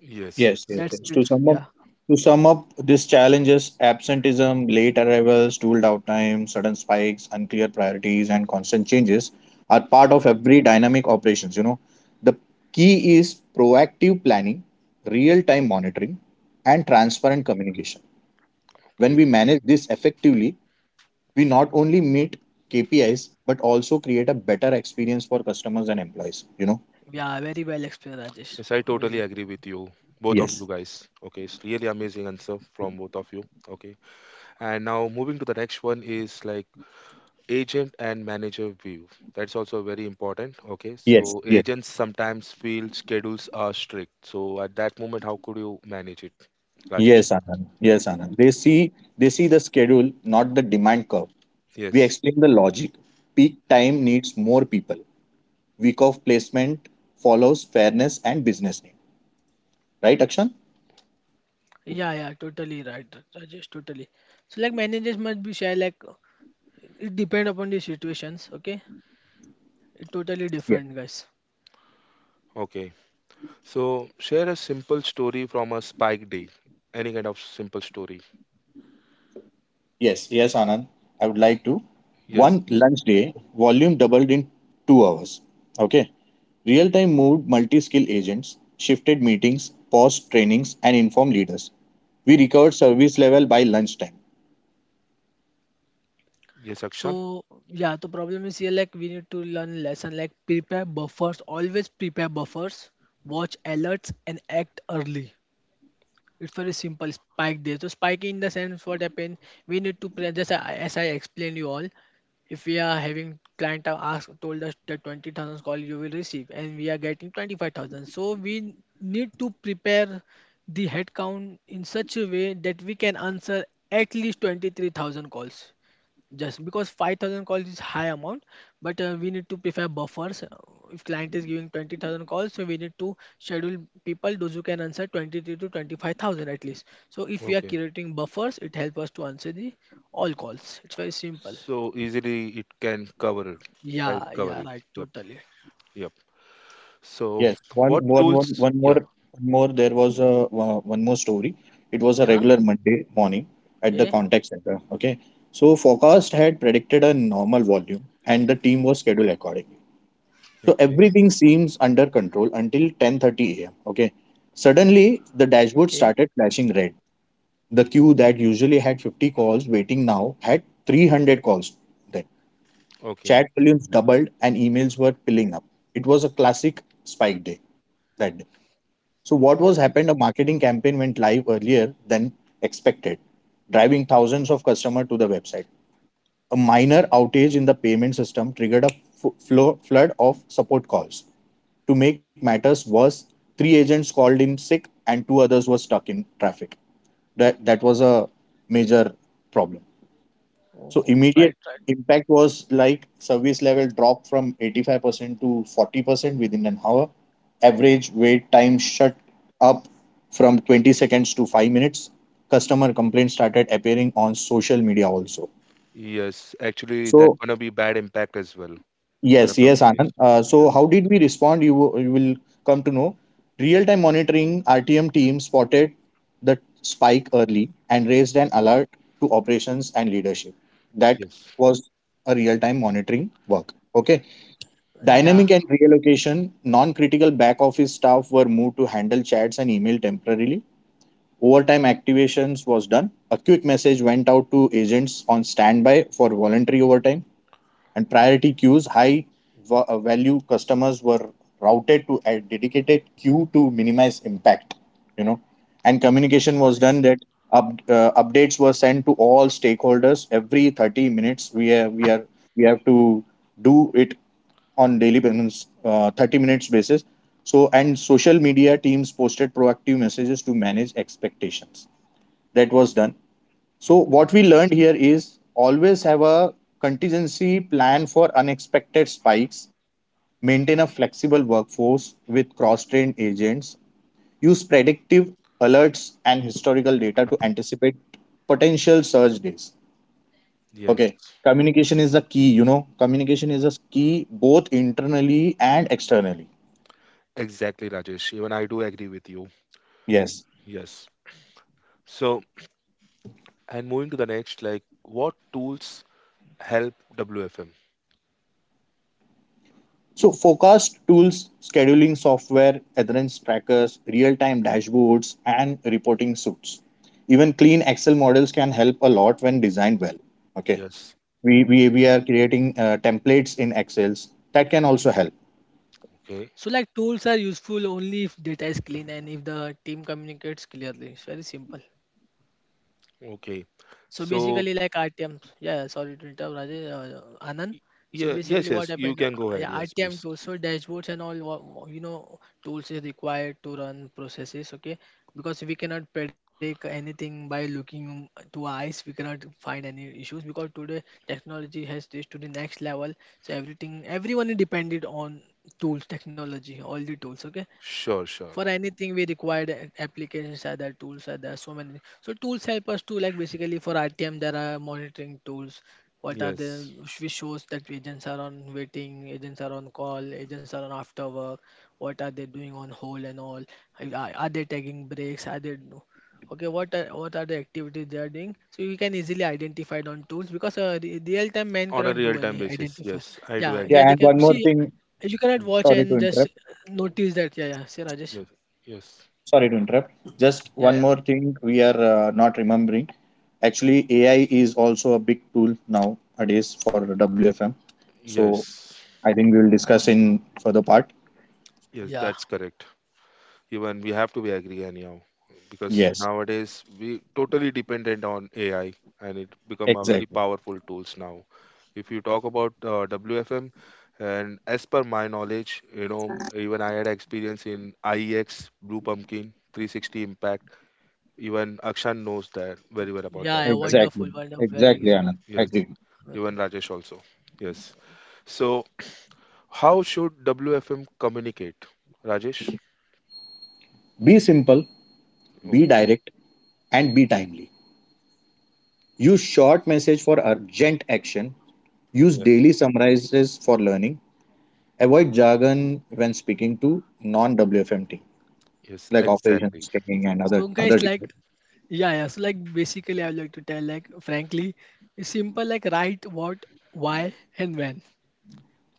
Speaker 1: Yes.
Speaker 2: Yes, yes,
Speaker 1: Yes.
Speaker 3: that's
Speaker 2: yes. To
Speaker 3: it.
Speaker 2: sum up,
Speaker 3: Yeah.
Speaker 2: these challenges: absenteeism, late arrivals, tooled out time, sudden spikes, unclear priorities, and constant changes are part of every dynamic operations. You know, the key is proactive planning, real-time monitoring, and transparent communication. When
Speaker 1: Okay.
Speaker 2: we manage this effectively, we not only meet KPIs but also create a better experience for customers and employees,
Speaker 3: Yeah, very well explained, Rajesh.
Speaker 1: Yes, I totally
Speaker 3: Amazing.
Speaker 1: agree with you. Both of
Speaker 2: Yes.
Speaker 1: you guys. Okay. It's really amazing answer from both of you. Okay. And now moving to the next one is like agent and manager view, that's also very important. Okay,
Speaker 2: Yes.
Speaker 1: so
Speaker 2: Yes.
Speaker 1: agents sometimes feel schedules are strict, so at that moment how could you manage it, Rajesh?
Speaker 2: Yes, Anand. They see the schedule, not the demand curve. We
Speaker 1: Yes,
Speaker 2: explain the logic. Peak time needs more people. Week of placement follows fairness and business need. Right, Akshan?
Speaker 3: Yeah, yeah, totally right, Rajesh. Totally. So, like, managers must be share, like, it depend upon the situations. Okay, totally different, guys.
Speaker 1: okay. So share a simple story from a spike day, any kind of simple story.
Speaker 2: Yes, yes, Anand. I would like to.
Speaker 1: Yes.
Speaker 2: One lunch day, volume doubled in 2 hours. Okay. Real time moved multi skill agents, shifted meetings, paused trainings, and informed leaders. We
Speaker 1: Okay.
Speaker 2: recovered service level by lunchtime.
Speaker 1: Yes,
Speaker 3: So,
Speaker 1: Akshan.
Speaker 3: yeah, the problem is here, like, we need to learn lesson, like, prepare buffers, always prepare buffers, watch alerts, and act early. It's very simple, spike there. So spike in the sense, what happens? We need to plan, just as I explained you all. If we are having client have asked told us that 20,000 call you will receive and we are getting 25,000, so we need to prepare the headcount in such a way that we can answer at least 23,000 calls. Just because 5,000 calls is high amount, but we need to prefer buffers. If client is giving 20,000 calls, so we need to schedule people those who can answer 23 to 25,000 at least. So if we are
Speaker 1: Okay,
Speaker 3: creating buffers, it helps us to answer the all calls. It's very simple.
Speaker 1: so easily it can cover it, right,
Speaker 3: Yeah,
Speaker 1: cover
Speaker 3: yeah,
Speaker 1: it.
Speaker 3: right,
Speaker 1: Yep,
Speaker 3: totally.
Speaker 1: yep. So
Speaker 2: Yes,
Speaker 1: what
Speaker 2: one, one, one,
Speaker 1: tools,
Speaker 2: one
Speaker 1: yeah,
Speaker 2: more, one more. There was a one more story. It was a
Speaker 3: Yeah,
Speaker 2: regular Monday morning at the
Speaker 3: okay,
Speaker 2: contact center. Okay, so forecast had predicted a normal volume, and the team was scheduled accordingly. So
Speaker 1: okay,
Speaker 2: everything seems under control until 10:30 a.m. Okay. Suddenly the
Speaker 3: okay.
Speaker 2: dashboard started flashing red. The queue that usually had 50 calls waiting now had 300 calls then.
Speaker 1: okay,
Speaker 2: Chat volumes doubled and emails were piling up. It was a classic spike day that day. So what was happened a marketing campaign went live earlier than expected, driving thousands of customers to the website. A minor outage in the payment system triggered a flood of support calls. To make matters worse, three agents called in sick and two others were stuck in traffic. That was a major problem. So,
Speaker 3: Oh,
Speaker 2: immediate
Speaker 3: right, right.
Speaker 2: impact was like service level dropped from 85% to 40% within an hour. Average wait time shut up from 20 seconds to 5 minutes. Customer complaints started appearing on social media also.
Speaker 1: yes, actually that
Speaker 2: So,
Speaker 1: gonna be bad impact as well for the
Speaker 2: yes, yes,
Speaker 1: companies.
Speaker 2: Anand.
Speaker 1: Yes,
Speaker 2: So, how did we respond? You will come to know. Real time monitoring RTM team spotted the spike early and raised an alert to operations and leadership. That
Speaker 1: yes,
Speaker 2: was a real time monitoring work. Okay.
Speaker 3: Yeah,
Speaker 2: Dynamic and reallocation, non critical back office staff were moved to handle chats and email temporarily. Overtime activations was done. A quick message went out to agents on standby for voluntary overtime and priority queues, high value customers were routed to a dedicated queue to minimize impact, you know, and
Speaker 1: yeah,
Speaker 2: communication was
Speaker 3: nice.
Speaker 2: done that updates were sent to all stakeholders every 30 minutes. We are, we have to do it on daily basis, 30 minutes basis. So, and social media teams posted proactive messages to manage expectations. That was done. So
Speaker 1: okay,
Speaker 2: what we learned here is always have a contingency plan for unexpected spikes, maintain a flexible workforce with cross-trained agents, use predictive alerts and historical data to anticipate potential surge days.
Speaker 1: yes,
Speaker 2: Okay. Communication is the key, Communication is a key both internally and externally.
Speaker 1: exactly, Rajesh. Even I do agree with you.
Speaker 2: Yes.
Speaker 1: Yes. So, and moving to the next, like, what tools help WFM?
Speaker 2: So forecast tools, scheduling software, adherence trackers, real-time dashboards, and reporting suits. Even clean Excel models can help a lot when designed well. Okay,
Speaker 1: Yes,
Speaker 2: we are creating templates in Excels that can also help.
Speaker 1: okay,
Speaker 3: So, like, tools are useful only if data is clean and if the team communicates clearly. It's very simple.
Speaker 1: okay.
Speaker 3: So
Speaker 1: So,
Speaker 3: basically, like RTM, yeah, sorry to interrupt, Rajesh,
Speaker 1: y-
Speaker 3: Anand. So
Speaker 1: yeah, yes,
Speaker 3: basically,
Speaker 1: yes,
Speaker 3: what
Speaker 1: you
Speaker 3: happened?
Speaker 1: can go
Speaker 3: Yeah,
Speaker 1: ahead. Yes,
Speaker 3: RTM
Speaker 1: please.
Speaker 3: tools, so dashboards and all, you know, tools is required to run processes, okay? Because we cannot predict anything by looking to our eyes, we cannot find any issues because today technology has reached to the next level. So everything, everyone is dependent on tools, technology, all the tools, okay?
Speaker 1: Sure, sure.
Speaker 3: For anything we require, the applications are there, tools are there, so many. So tools help us to, like, basically, for RTM there are monitoring tools, what are the
Speaker 1: Yes,
Speaker 3: which shows that agents are on waiting, agents are on call, agents are on after work, what are they doing on hold and all. Are they taking breaks, are they okay, what are the activities they are doing, so you can easily identify it on tools because real time man
Speaker 1: on a
Speaker 3: cannot do
Speaker 1: real-time
Speaker 3: any
Speaker 1: basis.
Speaker 3: identify.
Speaker 1: Yes, I do
Speaker 3: Yeah, yeah,
Speaker 1: agree.
Speaker 2: Yeah,
Speaker 3: they
Speaker 2: and
Speaker 3: can
Speaker 2: one more
Speaker 3: see,
Speaker 2: thing.
Speaker 3: you cannot
Speaker 1: Mm,
Speaker 3: watch
Speaker 2: Sorry to
Speaker 3: and just
Speaker 2: interrupt.
Speaker 3: notice that. Yeah, yeah. See, Rajesh.
Speaker 1: yes, yes,
Speaker 2: Sorry to interrupt. Just
Speaker 3: Yeah,
Speaker 2: one
Speaker 3: yeah,
Speaker 2: more thing we are not remembering. Actually, AI is also a big tool nowadays for WFM. So
Speaker 1: yes,
Speaker 2: I think we will discuss in further part.
Speaker 1: yes,
Speaker 3: yeah,
Speaker 1: that's correct. Even we have to be agree anyhow, because
Speaker 2: Yes.
Speaker 1: nowadays we totally dependent on AI, and it become a very
Speaker 2: Exactly.
Speaker 1: powerful tools now. If you talk about WFM, and as per my knowledge, even I had experience in IEX Blue Pumpkin 360 Impact. Even Akshan knows that very well about
Speaker 3: yeah,
Speaker 1: that,
Speaker 3: yeah.
Speaker 1: right?
Speaker 2: Exactly.
Speaker 3: Wonderful, wonderful. Very
Speaker 2: Exactly,
Speaker 1: Yes,
Speaker 3: great.
Speaker 2: Anand.
Speaker 1: yes,
Speaker 2: Agree.
Speaker 3: Amazing.
Speaker 1: even Rajesh also. Yes. So how should WFM communicate, Rajesh?
Speaker 2: Be simple, be
Speaker 1: Okay,
Speaker 2: direct, and be timely. Use short message for urgent action. Use
Speaker 1: yes,
Speaker 2: daily summarizes for learning. Avoid jargon when speaking to non-WFM team,
Speaker 1: yes,
Speaker 2: like
Speaker 1: exactly.
Speaker 2: operations training, and
Speaker 3: So,
Speaker 2: other
Speaker 3: guys, like,
Speaker 2: department.
Speaker 3: yeah, yeah. So, like, basically, I would like to tell, like, frankly, it's simple. Like, right, what, why, and when.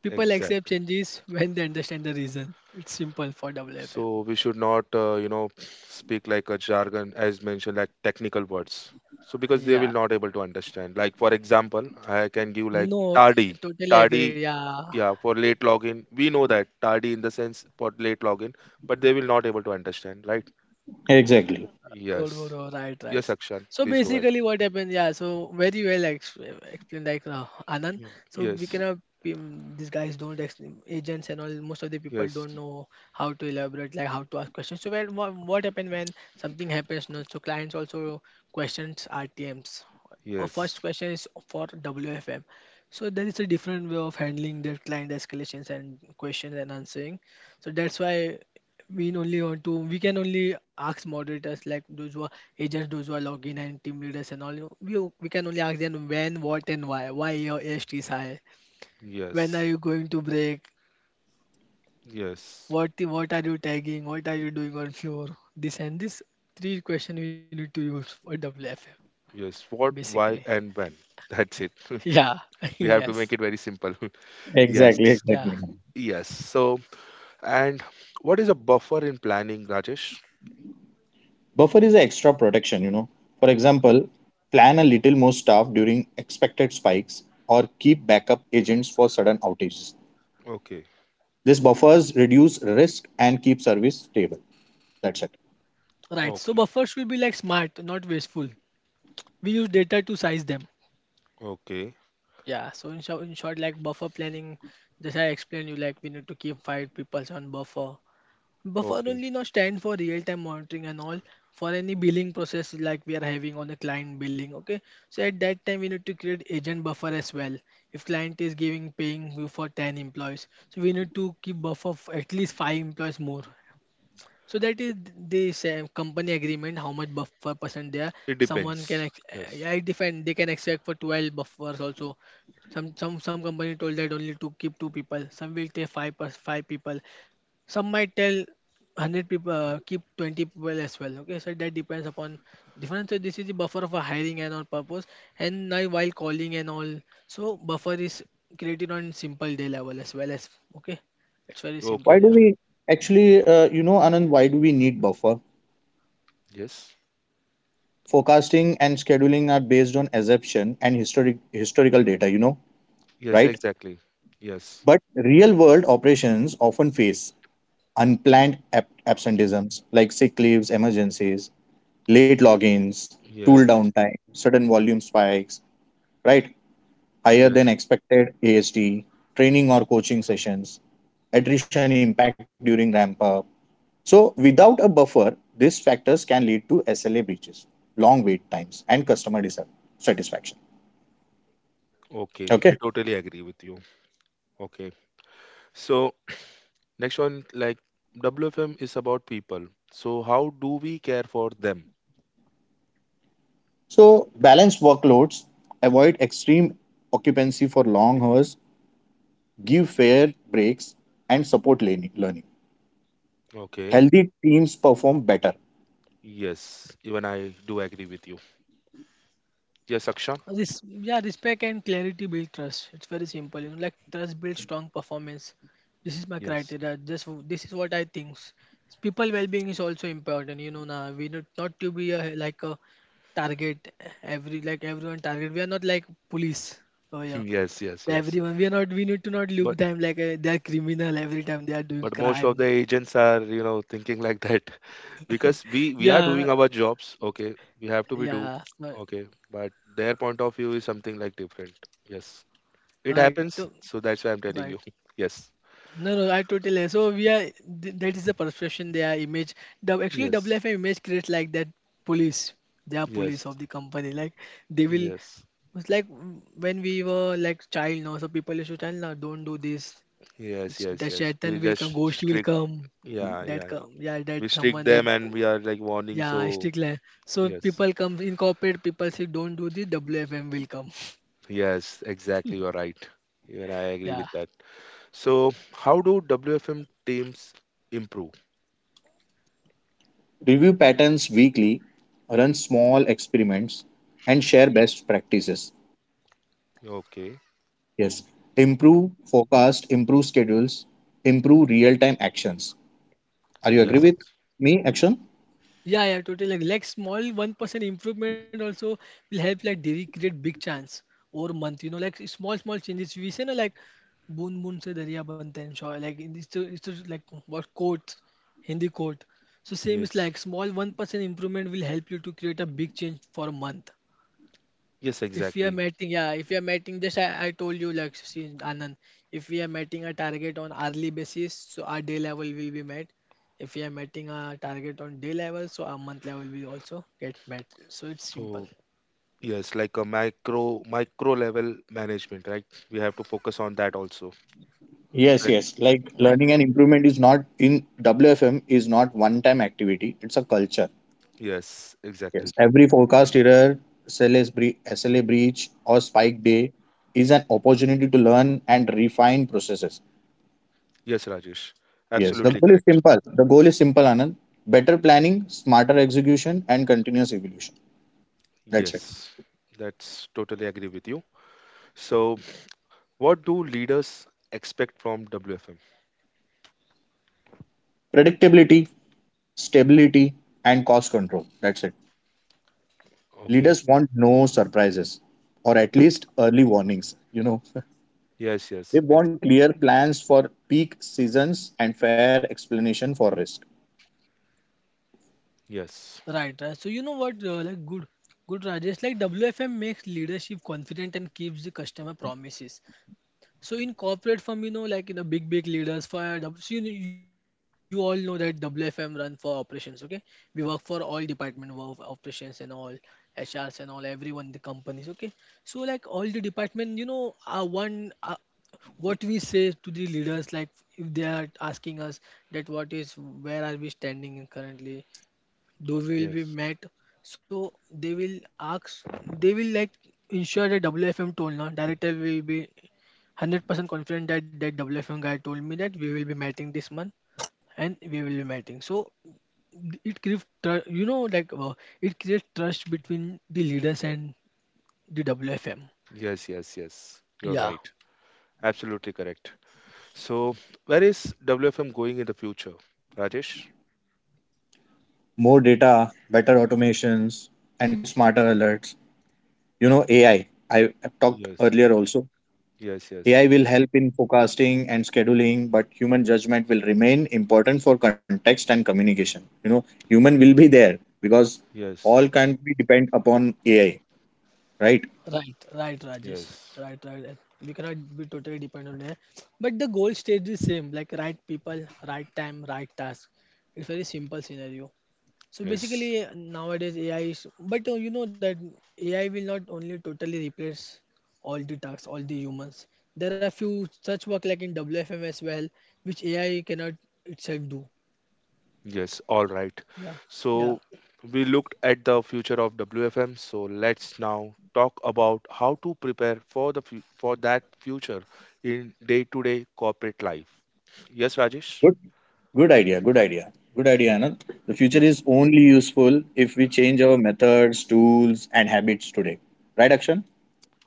Speaker 3: People accept
Speaker 1: Exactly.
Speaker 3: changes when they understand the reason. It's simple for WFA.
Speaker 1: So we should not, speak like a jargon as mentioned, like technical words. So because they will
Speaker 3: Yeah.
Speaker 1: not able to understand. Like for example, I can give like
Speaker 3: No,
Speaker 1: tardy,
Speaker 3: totally agree.
Speaker 1: tardy.
Speaker 3: Yeah.
Speaker 1: Yeah, for late login, we know that tardy in the sense for late login, but they will not able to understand, right?
Speaker 2: Exactly.
Speaker 3: Cold War,
Speaker 1: Yes.
Speaker 3: oh, right,
Speaker 1: Yes,
Speaker 3: right.
Speaker 1: Akshan,
Speaker 3: So
Speaker 1: please go ahead.
Speaker 3: basically, what happened? Yeah, so very well explained, like, Anand.
Speaker 1: Mm,
Speaker 3: So we
Speaker 1: yes.
Speaker 3: cannot. These guys don't agents and all. Most of the people
Speaker 1: Yes.
Speaker 3: don't know how to elaborate, like, how to ask questions. So when what happened when something happens? No, so clients also questions RTMs. A first
Speaker 1: Yes.
Speaker 3: question is for WFM. So there is a different way of handling their client escalations and questions and answering. So that's why we can only ask moderators, like those who are agents, those who are login and team leaders and all, you know, we can only ask them when, what, and why, your AST is high, when
Speaker 1: Yes.
Speaker 3: are you going to break,
Speaker 1: Yes.
Speaker 3: what are you tagging, what are you doing on floor, this and this, three question we need to use for WFM,
Speaker 1: Yes. What,
Speaker 3: basically.
Speaker 1: why, and when. That's it.
Speaker 3: Yeah.
Speaker 1: We have to
Speaker 3: Yes.
Speaker 1: make it very simple. Yes.
Speaker 2: Exactly.
Speaker 3: Yeah,
Speaker 2: Exactly.
Speaker 1: Yes. So, and what is a buffer in planning, Rajesh?
Speaker 2: Buffer is an extra protection, For example, plan a little more staff during expected spikes or keep backup agents for sudden outages.
Speaker 1: Okay.
Speaker 2: This buffers reduce risk and keep service stable. That's it.
Speaker 3: right. So
Speaker 1: Okay.
Speaker 3: buffers should be, like, smart, not wasteful. We use data to size them.
Speaker 1: Okay.
Speaker 3: Yeah, so in short, like, buffer planning, just I explained you, like, we need to keep five people on buffer. Buffer
Speaker 1: Okay.
Speaker 3: only not stand for real time monitoring and all, for any billing process, like, we are having on the client billing. Okay, so at that time we need to create agent buffer as well. If client is giving paying you for 10 employees, so we need to keep buffer of at least five employees more, so that is this, company agreement, how much buffer percent there.
Speaker 1: It depends. Yes.
Speaker 3: I defend they can expect for 12 buffers also. Some company told that only to keep two people. Some will take five plus five people. Some might tell 100 people, keep 20 people as well. Okay, so that depends upon different. So this is the buffer of a hiring and all purpose. And now while calling and all, so buffer is created on simple day level as well as, okay. It's very simple,
Speaker 1: Okay.
Speaker 2: Why do
Speaker 3: yeah.
Speaker 2: we actually, Anand, why do we need buffer?
Speaker 1: Yes.
Speaker 2: Forecasting and scheduling are based on assumption and historical data,
Speaker 1: Yes,
Speaker 2: right?
Speaker 1: exactly. Yes.
Speaker 2: But real world operations often face unplanned absenteeisms like sick leaves, emergencies, late logins,
Speaker 1: Yes.
Speaker 2: tool downtime, sudden volume spikes, right? Higher than
Speaker 1: Yes.
Speaker 2: expected AST, training or coaching sessions, attrition impact during ramp up. So, without a buffer, these factors can lead to SLA breaches, long wait times, and customer dissatisfaction.
Speaker 1: Okay.
Speaker 2: Okay.
Speaker 1: I totally agree with you. Okay. So, next one, like WFM is about people. So, how do we care for them?
Speaker 2: So, balance workloads, avoid extreme occupancy for long hours, give fair breaks, and support learning.
Speaker 1: Okay.
Speaker 2: Healthy teams perform better.
Speaker 1: Yes. Even I do agree with you. Yes, Akshan?
Speaker 3: This, yeah, respect and clarity build trust. It's very simple, you know. Like trust builds strong performance. This is my
Speaker 1: Yes.
Speaker 3: criteria. Just this is what I think. People well-being is also important. You know, now we not to be a, like, a target, every, like, everyone target. We are not like police. Oh yeah,
Speaker 1: Yes, yes, yes.
Speaker 3: everyone. We are not. We need to not look
Speaker 1: But.
Speaker 3: them, like, they are criminal every time they are doing
Speaker 1: But most of the
Speaker 3: crime.
Speaker 1: agents are, you know, thinking like that. Because we are
Speaker 3: Yeah,
Speaker 1: doing our jobs. Okay, we have to be do.
Speaker 3: yeah. So,
Speaker 1: Okay, but their point of view is something like different. Yes, it
Speaker 3: right.
Speaker 1: happens.
Speaker 3: So,
Speaker 1: So that's why I'm telling you.
Speaker 3: right.
Speaker 1: Yes,
Speaker 3: No, no, I totally. So we are that is the perception they are image. The, actually,
Speaker 1: yes,
Speaker 3: WFM image creates like that police. They are police of
Speaker 1: yes,
Speaker 3: the company. Like, they will.
Speaker 1: yes,
Speaker 3: It's like, when we were like child now. So people used to tell now, don't do this.
Speaker 1: yes, yes,
Speaker 3: That
Speaker 1: yes,
Speaker 3: shaitan
Speaker 1: we
Speaker 3: will
Speaker 1: just
Speaker 3: come, ghost will
Speaker 1: strict.
Speaker 3: come.
Speaker 1: Yeah,
Speaker 3: That
Speaker 1: yeah, yeah,
Speaker 3: come, yeah,
Speaker 1: we
Speaker 3: that
Speaker 1: strict
Speaker 3: someone that,
Speaker 1: them and we are like warning.
Speaker 3: yeah,
Speaker 1: So
Speaker 3: stick line. So
Speaker 1: yes,
Speaker 3: people come in corporate. People say, don't do this. WFM will come.
Speaker 1: yes, exactly, you're right. Even I agree
Speaker 3: Yeah.
Speaker 1: with that. So how do WFM teams improve?
Speaker 2: Review patterns weekly, run small experiments, and share best practices.
Speaker 1: Okay.
Speaker 2: Yes. Improve forecast, improve schedules, improve real time actions. Are you agree
Speaker 1: Yes,
Speaker 2: with me, Action?
Speaker 3: Yeah, yeah, totally. Like small 1% improvement also will help like Derry create big chance over month. You know, like small changes. We say, na, like, बूंद बूंद से दरिया बनते हैं Shaw like in this it's just like what quote Hindi quote, so same is
Speaker 1: yes,
Speaker 3: like small 1% improvement will help you to create a big change for a month.
Speaker 1: yes,
Speaker 3: If we are
Speaker 1: exactly.
Speaker 3: meeting, yeah, If we are meeting, just I told you, like, see, Anand, if we are meeting a target on hourly basis, so our day level will be met. If we are meeting a target on day level, so our month level will also get met. So it's simple.
Speaker 1: So, yes, like a micro level management, right? We have to focus on that also.
Speaker 2: Yes,
Speaker 1: Correct.
Speaker 2: yes. Like
Speaker 3: Micro,
Speaker 2: learning and improvement is not in WFM is not one time activity, it's a culture.
Speaker 1: Yes,
Speaker 2: Yes.
Speaker 1: exactly.
Speaker 2: Every forecast error, SLA breach, or spike day is an opportunity to learn and refine processes.
Speaker 1: Yes, Rajesh.
Speaker 2: Yes. The
Speaker 1: Absolutely
Speaker 2: goal is
Speaker 1: correct.
Speaker 2: simple. The goal is simple, Anand. Better planning, smarter execution, and continuous evolution. That's it.
Speaker 1: Yes, that's totally agree with you. So, what do leaders expect from WFM?
Speaker 2: Predictability, stability, and cost control. That's it.
Speaker 1: Okay.
Speaker 2: Leaders want no surprises or at least early warnings,
Speaker 1: Yes,
Speaker 2: They
Speaker 1: yes,
Speaker 2: want clear plans for peak seasons and fair explanation for risk.
Speaker 1: yes,
Speaker 3: right, right. So you know what, like, good, Rajesh, like WFM makes leadership confident and keeps the customer promises. So in corporate firm, you know, like in the big leaders for W- so you know, you all know that WFM run for operations. Okay, we work for all department of operations and all HRs and all everyone the companies. Okay, so like all the department, you know, are one what we say to the leaders, like if they are asking us that what is where are we standing in currently, they will be
Speaker 1: yes,
Speaker 3: met, so they will ask, they will like ensure that WFM told na director will be 100% confident that that WFM guy told me that we will be meeting this month and we will be meeting. So it creates you know like it creates trust between the leaders and the WFM.
Speaker 1: yes, yes, yes. You're right.
Speaker 3: Yeah,
Speaker 1: Absolutely correct. So, where is WFM going in the future, Rajesh?
Speaker 2: More data, better automations, and smarter alerts. You know, AI. I talked earlier
Speaker 1: Yes.
Speaker 2: also. AI
Speaker 1: Yes,
Speaker 2: will
Speaker 1: yes,
Speaker 2: help in forecasting and scheduling, but human judgment will remain important for context and communication. You know, human will be there because all
Speaker 1: yes,
Speaker 2: can't be depend upon AI, right?
Speaker 3: right Rajesh,
Speaker 1: yes,
Speaker 3: right. We cannot be totally dependent on it, but the goal stays the same, like right people, right time, right task. It's very simple scenario. So basically,
Speaker 1: yes,
Speaker 3: nowadays AI is, but you know that AI will not only totally replace all the tasks, all the humans. There are few such work like in WFM as well, which AI cannot itself do.
Speaker 1: yes. All right.
Speaker 3: Yeah, yeah,
Speaker 1: So we looked at the future of WFM. So let's now talk about how to prepare for the for that future in day-to-day corporate life. Yes, Rajesh.
Speaker 2: Good, good idea, Anand. The future
Speaker 1: Yes.
Speaker 2: is only useful if we change our methods, tools, and habits today, right, Akshan?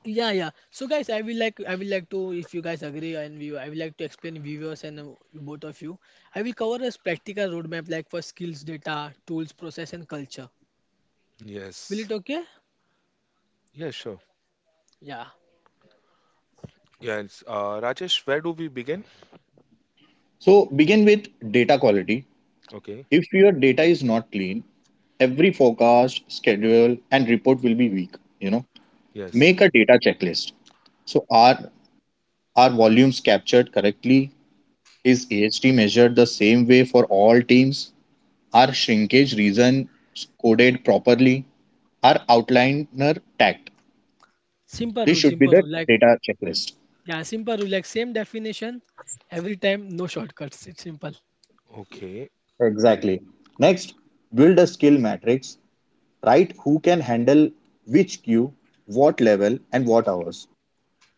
Speaker 3: yeah. So guys, I will like to, if you guys agree, and view, I will like to explain viewers and you both of you. I will cover a practical roadmap like for skills, data, tools, process, and culture. Will
Speaker 1: Yes.
Speaker 3: it okay?
Speaker 1: Yeah, sure.
Speaker 3: Yeah.
Speaker 1: Yes. Rajesh, where do we begin?
Speaker 2: So begin with data quality.
Speaker 1: Okay.
Speaker 2: If your data is not clean, every forecast, schedule, and report will be weak. You know.
Speaker 1: Yes.
Speaker 2: Make a data checklist. So are volumes captured correctly? Is AHT measured the same way for all teams? Are shrinkage reasons coded properly? Are outliner tagged?
Speaker 3: Simple
Speaker 2: This
Speaker 3: rule,
Speaker 2: should be
Speaker 3: simple
Speaker 2: the
Speaker 3: rule. Like,
Speaker 2: data checklist.
Speaker 3: yeah, simple rule, like same definition every time, no shortcuts. It's simple.
Speaker 1: Okay.
Speaker 2: Exactly. Next, build a skill matrix. Write who can handle which queue, what level, and what hours.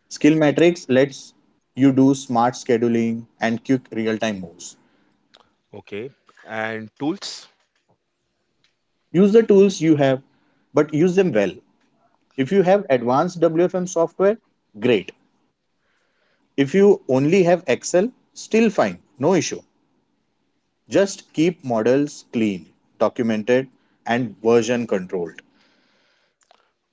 Speaker 2: Skill matrix lets you do smart scheduling and quick real time moves.
Speaker 1: Okay. And tools.
Speaker 2: Use the tools you have, but use them well. If you have advanced WFM software, great. If you only have Excel, still fine, no issue. Just keep models clean, documented, and version controlled.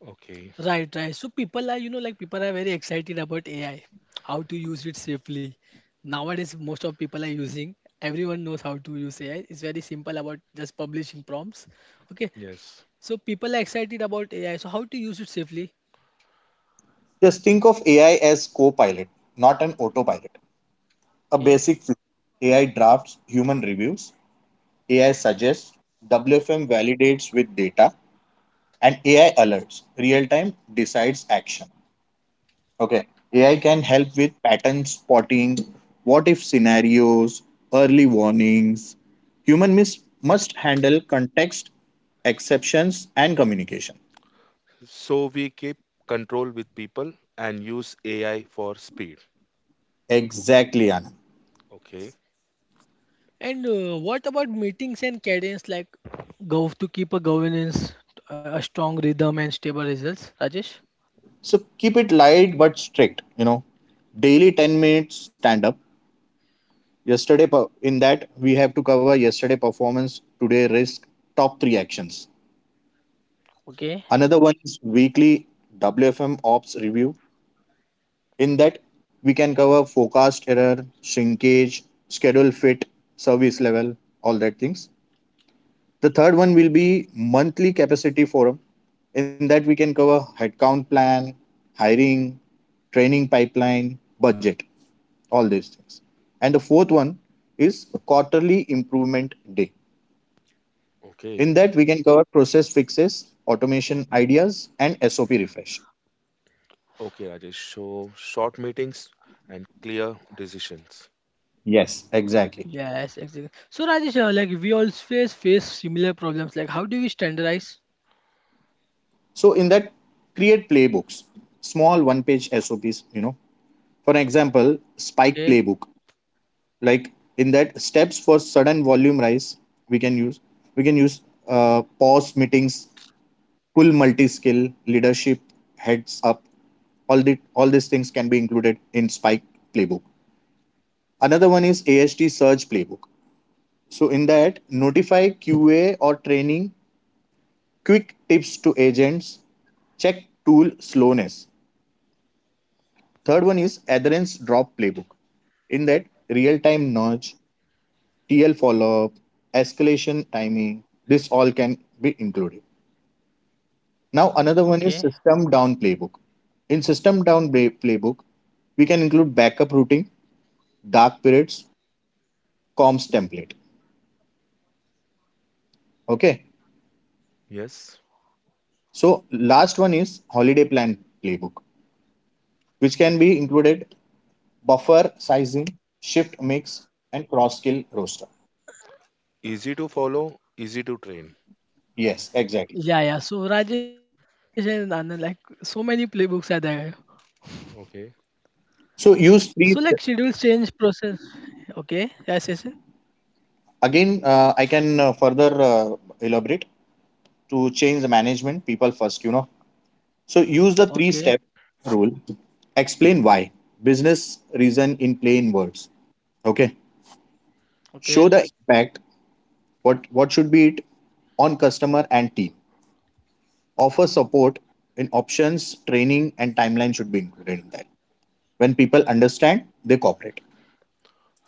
Speaker 1: Okay.
Speaker 3: Right, right. So people are, you know, like people are very excited about AI, how to use it safely. Nowadays, most of people are using. Everyone knows how to use AI. It's very simple about just publishing prompts. Okay.
Speaker 1: Yes.
Speaker 3: So people are excited about AI. So how to use it safely?
Speaker 2: Just think of AI as co-pilot, not an autopilot. A
Speaker 3: Okay.
Speaker 2: basic flow: AI drafts, human reviews; AI suggests, WFM validates with data; and AI alerts, real time decides action. Okay. AI can help with pattern spotting, what if scenarios, early warnings. Human miss must handle context, exceptions, and communication.
Speaker 1: So we keep control with people and use AI for speed.
Speaker 2: Exactly, Anand.
Speaker 1: Okay,
Speaker 3: And what about meetings and cadence? Like, go to keep a governance, a strong rhythm and stable results, Rajesh.
Speaker 2: So keep it light but strict. You know, daily 10 minutes stand up. In that, we have to cover yesterday performance, today risk, top three actions.
Speaker 3: Okay.
Speaker 2: Another one is weekly WFM ops review. In that, we can cover forecast error, shrinkage, schedule fit, service level, all that things. The third one will be monthly capacity forum. In that, we can cover headcount plan, hiring, training pipeline, budget, all these things. And the fourth one is quarterly improvement day.
Speaker 1: okay,
Speaker 2: In that, we can cover process fixes, automation ideas, and SOP refresh.
Speaker 1: okay, Rajesh. So short meetings and clear decisions.
Speaker 2: Yes, exactly.
Speaker 3: Yes, exactly. So Rajesh, like we all face similar problems. Like how do we standardize?
Speaker 2: So in that, create playbooks, small one page SOPs, you know. For example, spike
Speaker 3: Okay,
Speaker 2: playbook, like, in that, steps for sudden volume rise. We can use we can use uh, pause meetings, pull multi-skill leadership, heads up, all the all these things can be included in spike playbook. Another one is AST surge playbook. So in that, notify QA or training, quick tips to agents, check tool slowness. Third one is adherence drop playbook. In that, real time nudge, TL follow up, escalation timing, this all can be included. Now, another
Speaker 3: okay.
Speaker 2: one is system down playbook. In playbook, we can include backup routing, dark periods, comms template. Okay.
Speaker 1: Yes,
Speaker 2: So, last one is holiday plan playbook, which can be included buffer sizing, shift mix, and cross skill roster.
Speaker 1: easy to follow, easy to train.
Speaker 2: Yes, exactly.
Speaker 3: Yeah, yeah. So Rajesh and Anand, like so many playbooks are there.
Speaker 1: Okay,
Speaker 2: So,
Speaker 3: So like
Speaker 2: use three
Speaker 3: schedules change process. Okay, yes, yes, yes.
Speaker 2: again I can further elaborate. To change the management people first, you know, so use the three
Speaker 3: Okay,
Speaker 2: step rule. Explain why: business reason in plain words. Okay. Show
Speaker 3: okay.
Speaker 2: the impact: what should be it on customer and team. Offer support in options, training and timeline should be included in that. When people understand, they cooperate.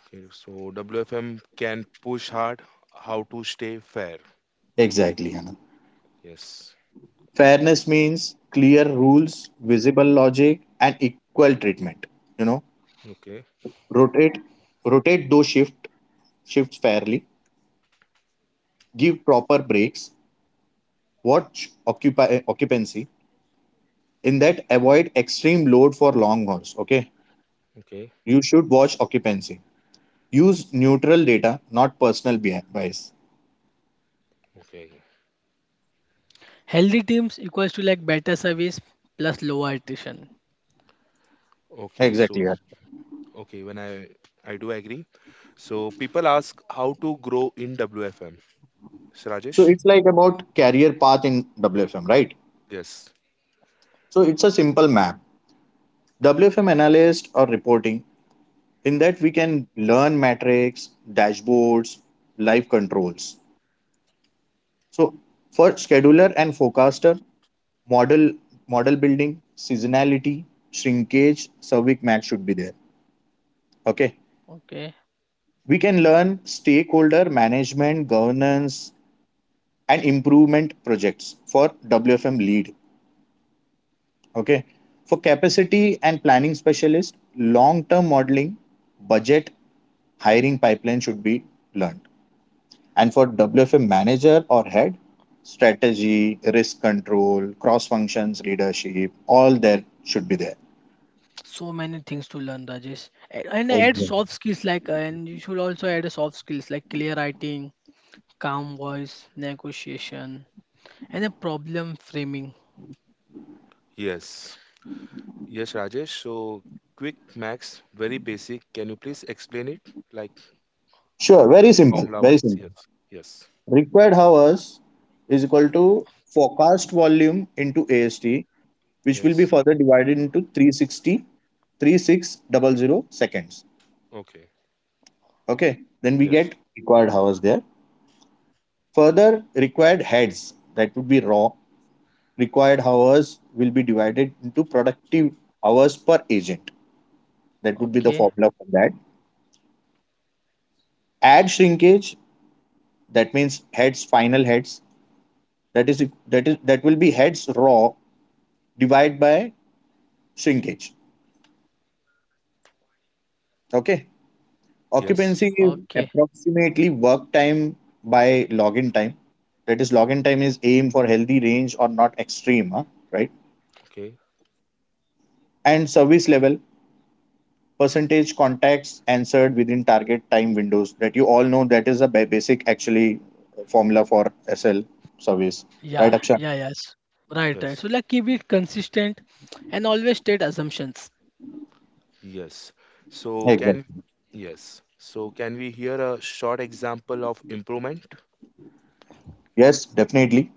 Speaker 1: okay. So WFM can push hard how to stay fair.
Speaker 2: Exactly, Anand.
Speaker 1: Yes.
Speaker 2: Fairness means clear rules, visible logic, and equal treatment, you know.
Speaker 1: Okay,
Speaker 2: Rotate rotate those shifts fairly, give proper breaks, watch occupancy. In that, avoid extreme load for long hours. Okay.
Speaker 1: okay,
Speaker 2: You should watch occupancy, use neutral data, not personal bias.
Speaker 1: okay,
Speaker 3: Healthy teams equals to like better service plus lower attrition.
Speaker 1: okay. So
Speaker 2: Exactly, yeah.
Speaker 1: okay, when I do agree. So people ask how to grow in WFM. So
Speaker 2: So
Speaker 1: Rajesh.
Speaker 2: it's like about career path in WFM, right?
Speaker 1: Yes.
Speaker 2: So it's a simple map. WFM analyst or reporting: in that, we can learn metrics, dashboards, live controls. So for scheduler and forecaster, model model building, seasonality, shrinkage, cervic math should be there. Okay.
Speaker 3: Okay.
Speaker 2: We can learn stakeholder management, governance, and improvement projects for WFM lead. Okay. For capacity and planning specialist, long-term modeling, budget, hiring pipeline should be learned. And for WFM manager or head, strategy, risk control, cross functions, leadership, all that should be there.
Speaker 3: So many things to learn, Rajesh. And add
Speaker 2: Exactly.
Speaker 3: soft skills like, and you should also add a soft skills like clear writing, calm voice, negotiation, and a problem framing.
Speaker 1: Yes. Yes, Rajesh. So quick max, very basic. Can you please explain it like
Speaker 2: Sure,
Speaker 1: formula
Speaker 2: very
Speaker 1: wise?
Speaker 2: simple.
Speaker 1: Yes. Yes.
Speaker 2: Required hours is equal to forecast volume into AST, which will be
Speaker 1: Yes.
Speaker 2: further divided into 360, 36 double 00 seconds.
Speaker 1: Okay.
Speaker 2: Okay, then we
Speaker 1: Yes.
Speaker 2: get required hours there. Further required heads, that would be raw: required hours will be divided into productive hours per agent. That would be the
Speaker 3: Okay,
Speaker 2: formula for that. Add shrinkage, that means heads, final heads. That will be heads raw divided by shrinkage. Okay.
Speaker 1: Yes.
Speaker 2: Occupancy is
Speaker 3: okay,
Speaker 2: approximately work time by login time. That is, login time is aim for healthy range or not extreme, huh? Right?
Speaker 1: Okay.
Speaker 2: And service level, percentage contacts answered within target time windows, that you all know, that is a basic actually formula for SL service,
Speaker 3: yeah,
Speaker 2: right, Akshay?
Speaker 3: yeah, yes, right, right. So
Speaker 1: Yes.
Speaker 3: like keep it consistent and always state assumptions.
Speaker 1: Yes. So can
Speaker 2: Exactly.
Speaker 1: yes. So can we hear a short example of improvement?
Speaker 2: Yes, definitely.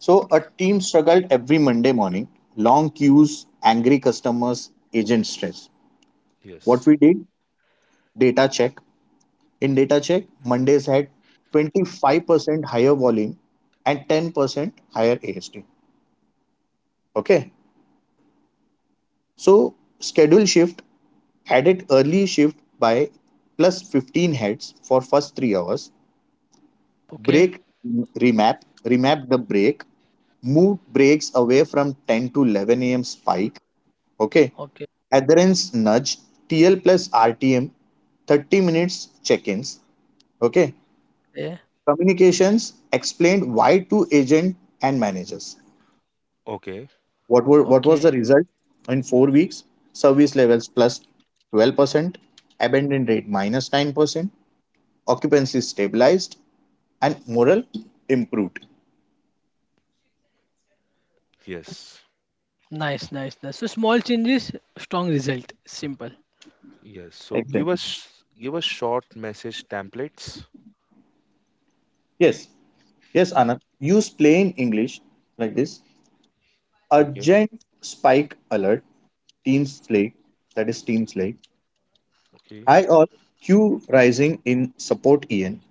Speaker 2: So a team struggled every Monday morning. Long queues, angry customers, agent stress. What
Speaker 1: Yes.
Speaker 2: we did? Data check. In data check, Mondays had 25% higher volume and 10% higher AST. Okay. So schedule shift added early shift by plus 15 heads for first 3 hours.
Speaker 3: Okay,
Speaker 2: Break remap: the break, move breaks away from 10 to 11 a.m spike. Okay.
Speaker 3: okay,
Speaker 2: Adherence nudge: TL plus RTM 30 minutes check-ins. Okay.
Speaker 3: yeah,
Speaker 2: Communications: explained why to agent and managers.
Speaker 1: Okay.
Speaker 2: What were
Speaker 3: okay.
Speaker 2: what was the result in 4 weeks? Service levels 12%, abandon rate minus 9%, occupancy stabilized, and morale improved.
Speaker 1: Yes.
Speaker 3: Nice. So small changes, strong result. Simple.
Speaker 1: Yes. So give
Speaker 2: Exactly.
Speaker 1: us give us short message templates.
Speaker 2: Yes. Yes, Anand. Use plain English like this.
Speaker 1: Okay.
Speaker 2: Urgent spike alert, team slay, that is team slay.
Speaker 1: Okay.
Speaker 2: High, all Q rising in support EN.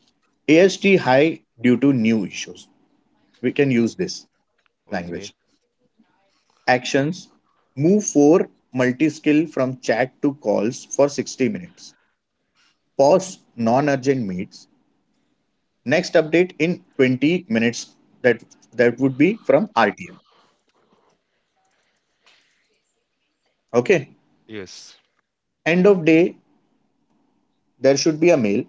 Speaker 2: AST high due to new issues. We can use this
Speaker 1: Okay.
Speaker 2: language. Actions: Move 4 multi skill from chat to calls for 60 minutes. Pause non urgent meets. Next update in 20 minutes. That, that would be from RTM. Okay.
Speaker 1: Yes.
Speaker 2: End of day, there should be a mail.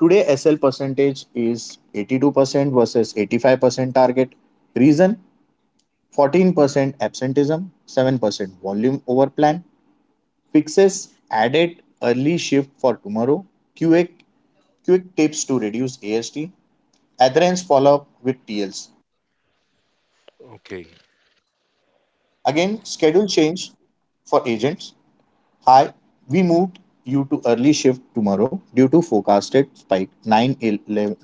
Speaker 2: Today, SL percentage is 82% versus 85% target. Reason: 14% absenteeism, 7% volume over plan. Fixes: added early shift for tomorrow. QA: quick tips to reduce AST. Adherence follow up with TLs.
Speaker 1: Okay.
Speaker 2: Again, schedule change for agents. Hi, we moved you to early shift tomorrow due to forecasted spike 9,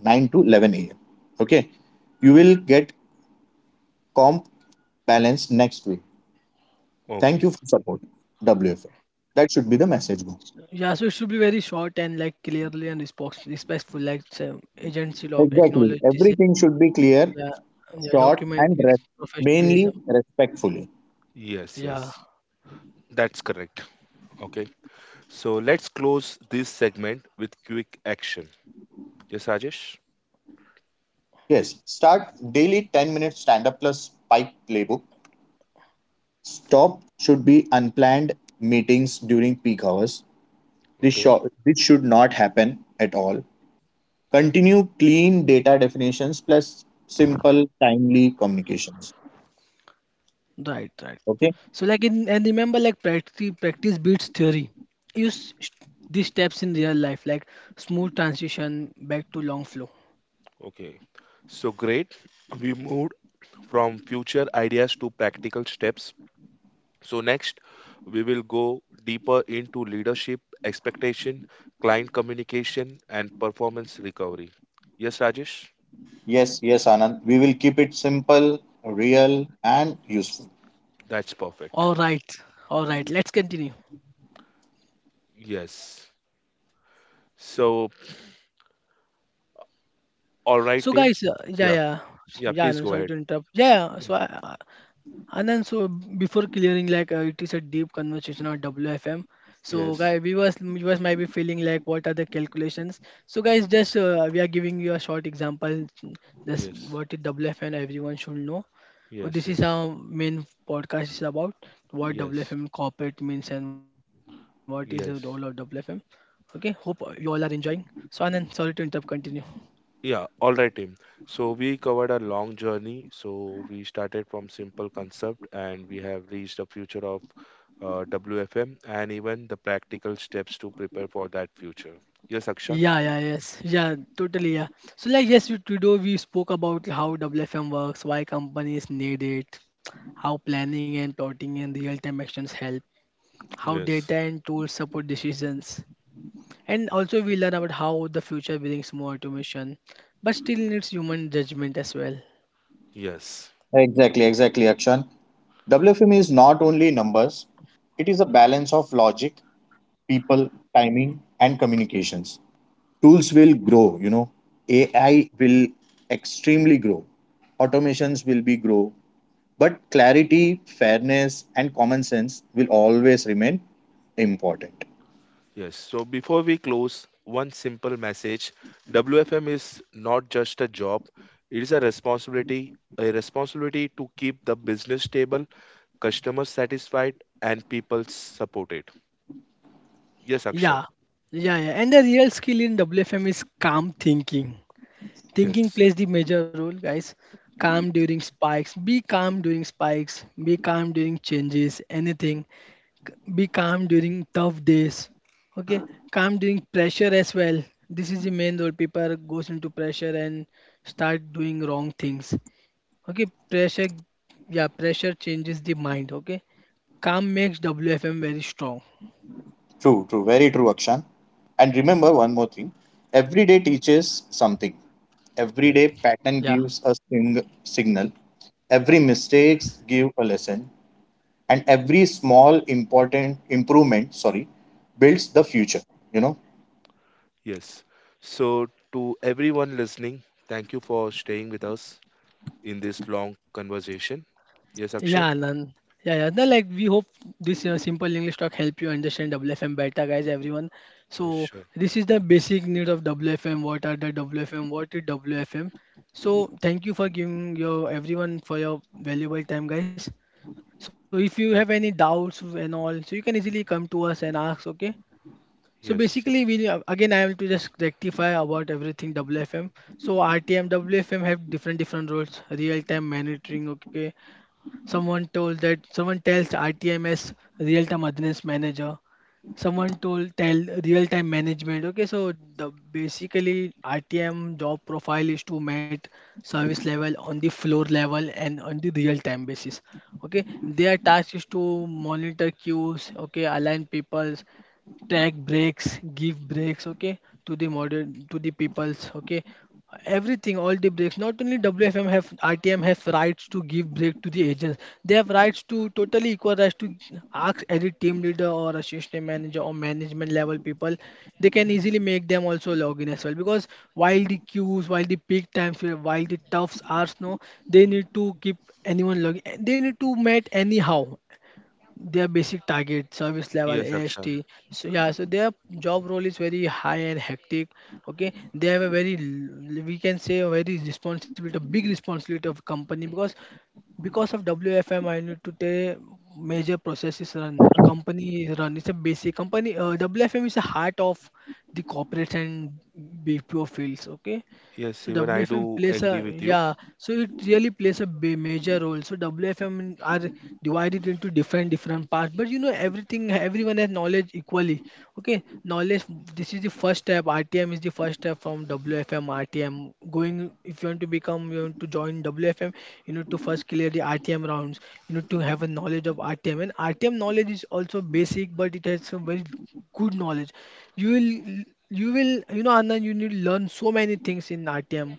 Speaker 2: 9 to 11 a.m. Okay, you will get comp balance next week. Thank
Speaker 1: Okay.
Speaker 2: you for support. WFA. That should be the message. Go.
Speaker 3: Yeah, so it should be very short and like clearly and respectful. Like so agency log
Speaker 2: Exactly.
Speaker 3: acknowledge this.
Speaker 2: Everything should be clear,
Speaker 3: Yeah, yeah,
Speaker 2: short,
Speaker 3: document
Speaker 2: and
Speaker 3: its
Speaker 2: mainly
Speaker 3: professionalism.
Speaker 2: respectfully.
Speaker 1: Yes.
Speaker 3: Yeah,
Speaker 1: Yes. That's correct. Okay. So let's close this segment with quick action. Yes, Rajesh?
Speaker 2: Yes, start daily 10-minute stand up plus spike playbook. Stop should be unplanned meetings during peak hours.
Speaker 1: Okay,
Speaker 2: This should not happen at all. Continue clean data definitions plus simple, timely communications.
Speaker 3: right, right.
Speaker 2: Okay?
Speaker 3: So like in and remember like practice beats theory. Use sh- these steps in real life like smooth transition back to long flow.
Speaker 1: okay. So great. We moved from future ideas to practical steps. So next, we will go deeper into leadership, expectation, client communication, and performance recovery. Yes, Rajesh?
Speaker 2: Yes, yes, Anand. We will keep it simple, real, and useful.
Speaker 1: That's perfect.
Speaker 3: All right, all right. Let's continue.
Speaker 1: Yes. So, all right,
Speaker 3: So
Speaker 1: team.
Speaker 3: guys,
Speaker 1: Yeah, yeah,
Speaker 3: yeah.
Speaker 1: please
Speaker 3: I'm
Speaker 1: go
Speaker 3: sorry
Speaker 1: ahead.
Speaker 3: to interrupt. Yeah, yeah.
Speaker 1: Ye-
Speaker 3: And then so before clearing like it is a deep conversation on WFM. So
Speaker 1: Yes,
Speaker 3: guys, viewers might be feeling like what are the calculations. So guys, just we are giving you a short example. Just
Speaker 1: yes,
Speaker 3: what is WFM? Everyone should know. So
Speaker 1: yes,
Speaker 3: this is our
Speaker 1: yes,
Speaker 3: main podcast is about what
Speaker 1: yes,
Speaker 3: WFM corporate means and what is the role of WFM.
Speaker 1: yes.
Speaker 3: Okay, hope you all are enjoying. So Anand, sorry to interrupt. Continue.
Speaker 1: Yeah, all right, team. So we covered a long journey. So we started from simple concept, and we have reached the future of WFM, and even the practical steps to prepare for that future. Yes, Akshan.
Speaker 3: Yeah, yes, yeah, totally, yeah. So like, yes, today we spoke about how WFM works, why companies need it, how planning and plotting and real-time actions help, how data
Speaker 1: Yes.
Speaker 3: and tools support decisions, and also we learn about how the future brings more automation, but still needs human judgment as well.
Speaker 1: Yes.
Speaker 2: Exactly, exactly, Akshan. WFM is not only numbers, it is a balance of logic, people, timing, and communications. Tools will grow, you know. AI will extremely grow, automations will be grow, but clarity, fairness and common sense will always remain important.
Speaker 1: Yes. So before we close, one simple message. WFM is not just a job, it is a responsibility to keep the business stable, customers satisfied, and people supported. Yes, Akshan.
Speaker 3: Yeah, yeah. And the real skill in WFM is calm thinking. Thinking
Speaker 1: Yes.
Speaker 3: plays the major role, guys. Calm during spikes. Be calm during spikes. Be calm during changes. Anything. Be calm during tough days. Okay. Calm during pressure as well. This is the main role. People goes into pressure and start doing wrong things. Okay. Pressure. Yeah. Pressure changes the mind. Okay. Calm makes WFM very strong.
Speaker 2: True, very true, Akshan. And remember one more thing. Every day teaches something, every
Speaker 1: Yes.
Speaker 2: day pattern
Speaker 3: Yeah.
Speaker 2: gives a signal, every mistakes give a lesson, and every small important improvement, sorry, builds the
Speaker 1: Y-
Speaker 2: future, you know.
Speaker 1: Yes. So, to everyone listening, thank you for staying with us in this long conversation. Yes, Akshan?
Speaker 3: Yeah, Anand. Yeah, yeah. No, like we hope this simple English talk help you understand WFM better, guys. Everyone.
Speaker 1: Yes,
Speaker 3: So
Speaker 1: sure.
Speaker 3: this is the basic need of WFM. What are the WFM? What is WFM? So thank you for giving your everyone for your valuable time, guys. So if you
Speaker 1: Yes,
Speaker 3: have any doubts and all, so you can easily come to us and ask. Okay. So
Speaker 1: yes,
Speaker 3: basically, we again I will to just rectify about everything WFM. So RTM, WFM have different roles: real time monitoring, okay. Someone told that Someone tells RTMS real time address manager. Someone told tell real time management. Okay, so the basically RTM job profile is to meet service level on the floor level and on the real time basis. Okay, their task is to monitor queues. Okay, align people, take breaks, give breaks, okay, to the modern to the peoples, okay, everything, all the breaks. Not only WFM have, RTM have rights to give break to the agents. They have rights to totally equal rights to ask any team leader or assistant manager or management level people. They can easily make them also log in as well, because while the queues, while the peak times, while the toughs are snow, they need to keep anyone logging. They need to meet anyhow their basic target service level,
Speaker 1: yes, Akshan.
Speaker 3: AST. So yeah, so their job role is very high and hectic. Okay, they have a very we can say a very responsibility, a big responsibility of company, because of WFM I need to take major processes run. A company is run, it's a basic company, WFM is the heart of the corporates and BPO fields, okay.
Speaker 1: Yes,
Speaker 3: So
Speaker 1: even I
Speaker 3: WFM
Speaker 1: do
Speaker 3: plays
Speaker 1: agree
Speaker 3: a,
Speaker 1: with you.
Speaker 3: yeah. So it really plays a major role. So WFM are divided into different parts, but you know everything. Everyone has knowledge equally. Okay, knowledge. This is the first step. RTM is the first step from WFM RTM. Going if you want to become, you want to join WFM, you need to first clear the RTM rounds. You need to have a knowledge of RTM, and RTM knowledge is also basic, but it has some very good knowledge. you will you will, you know, Anand, you need learn so many things in RTM,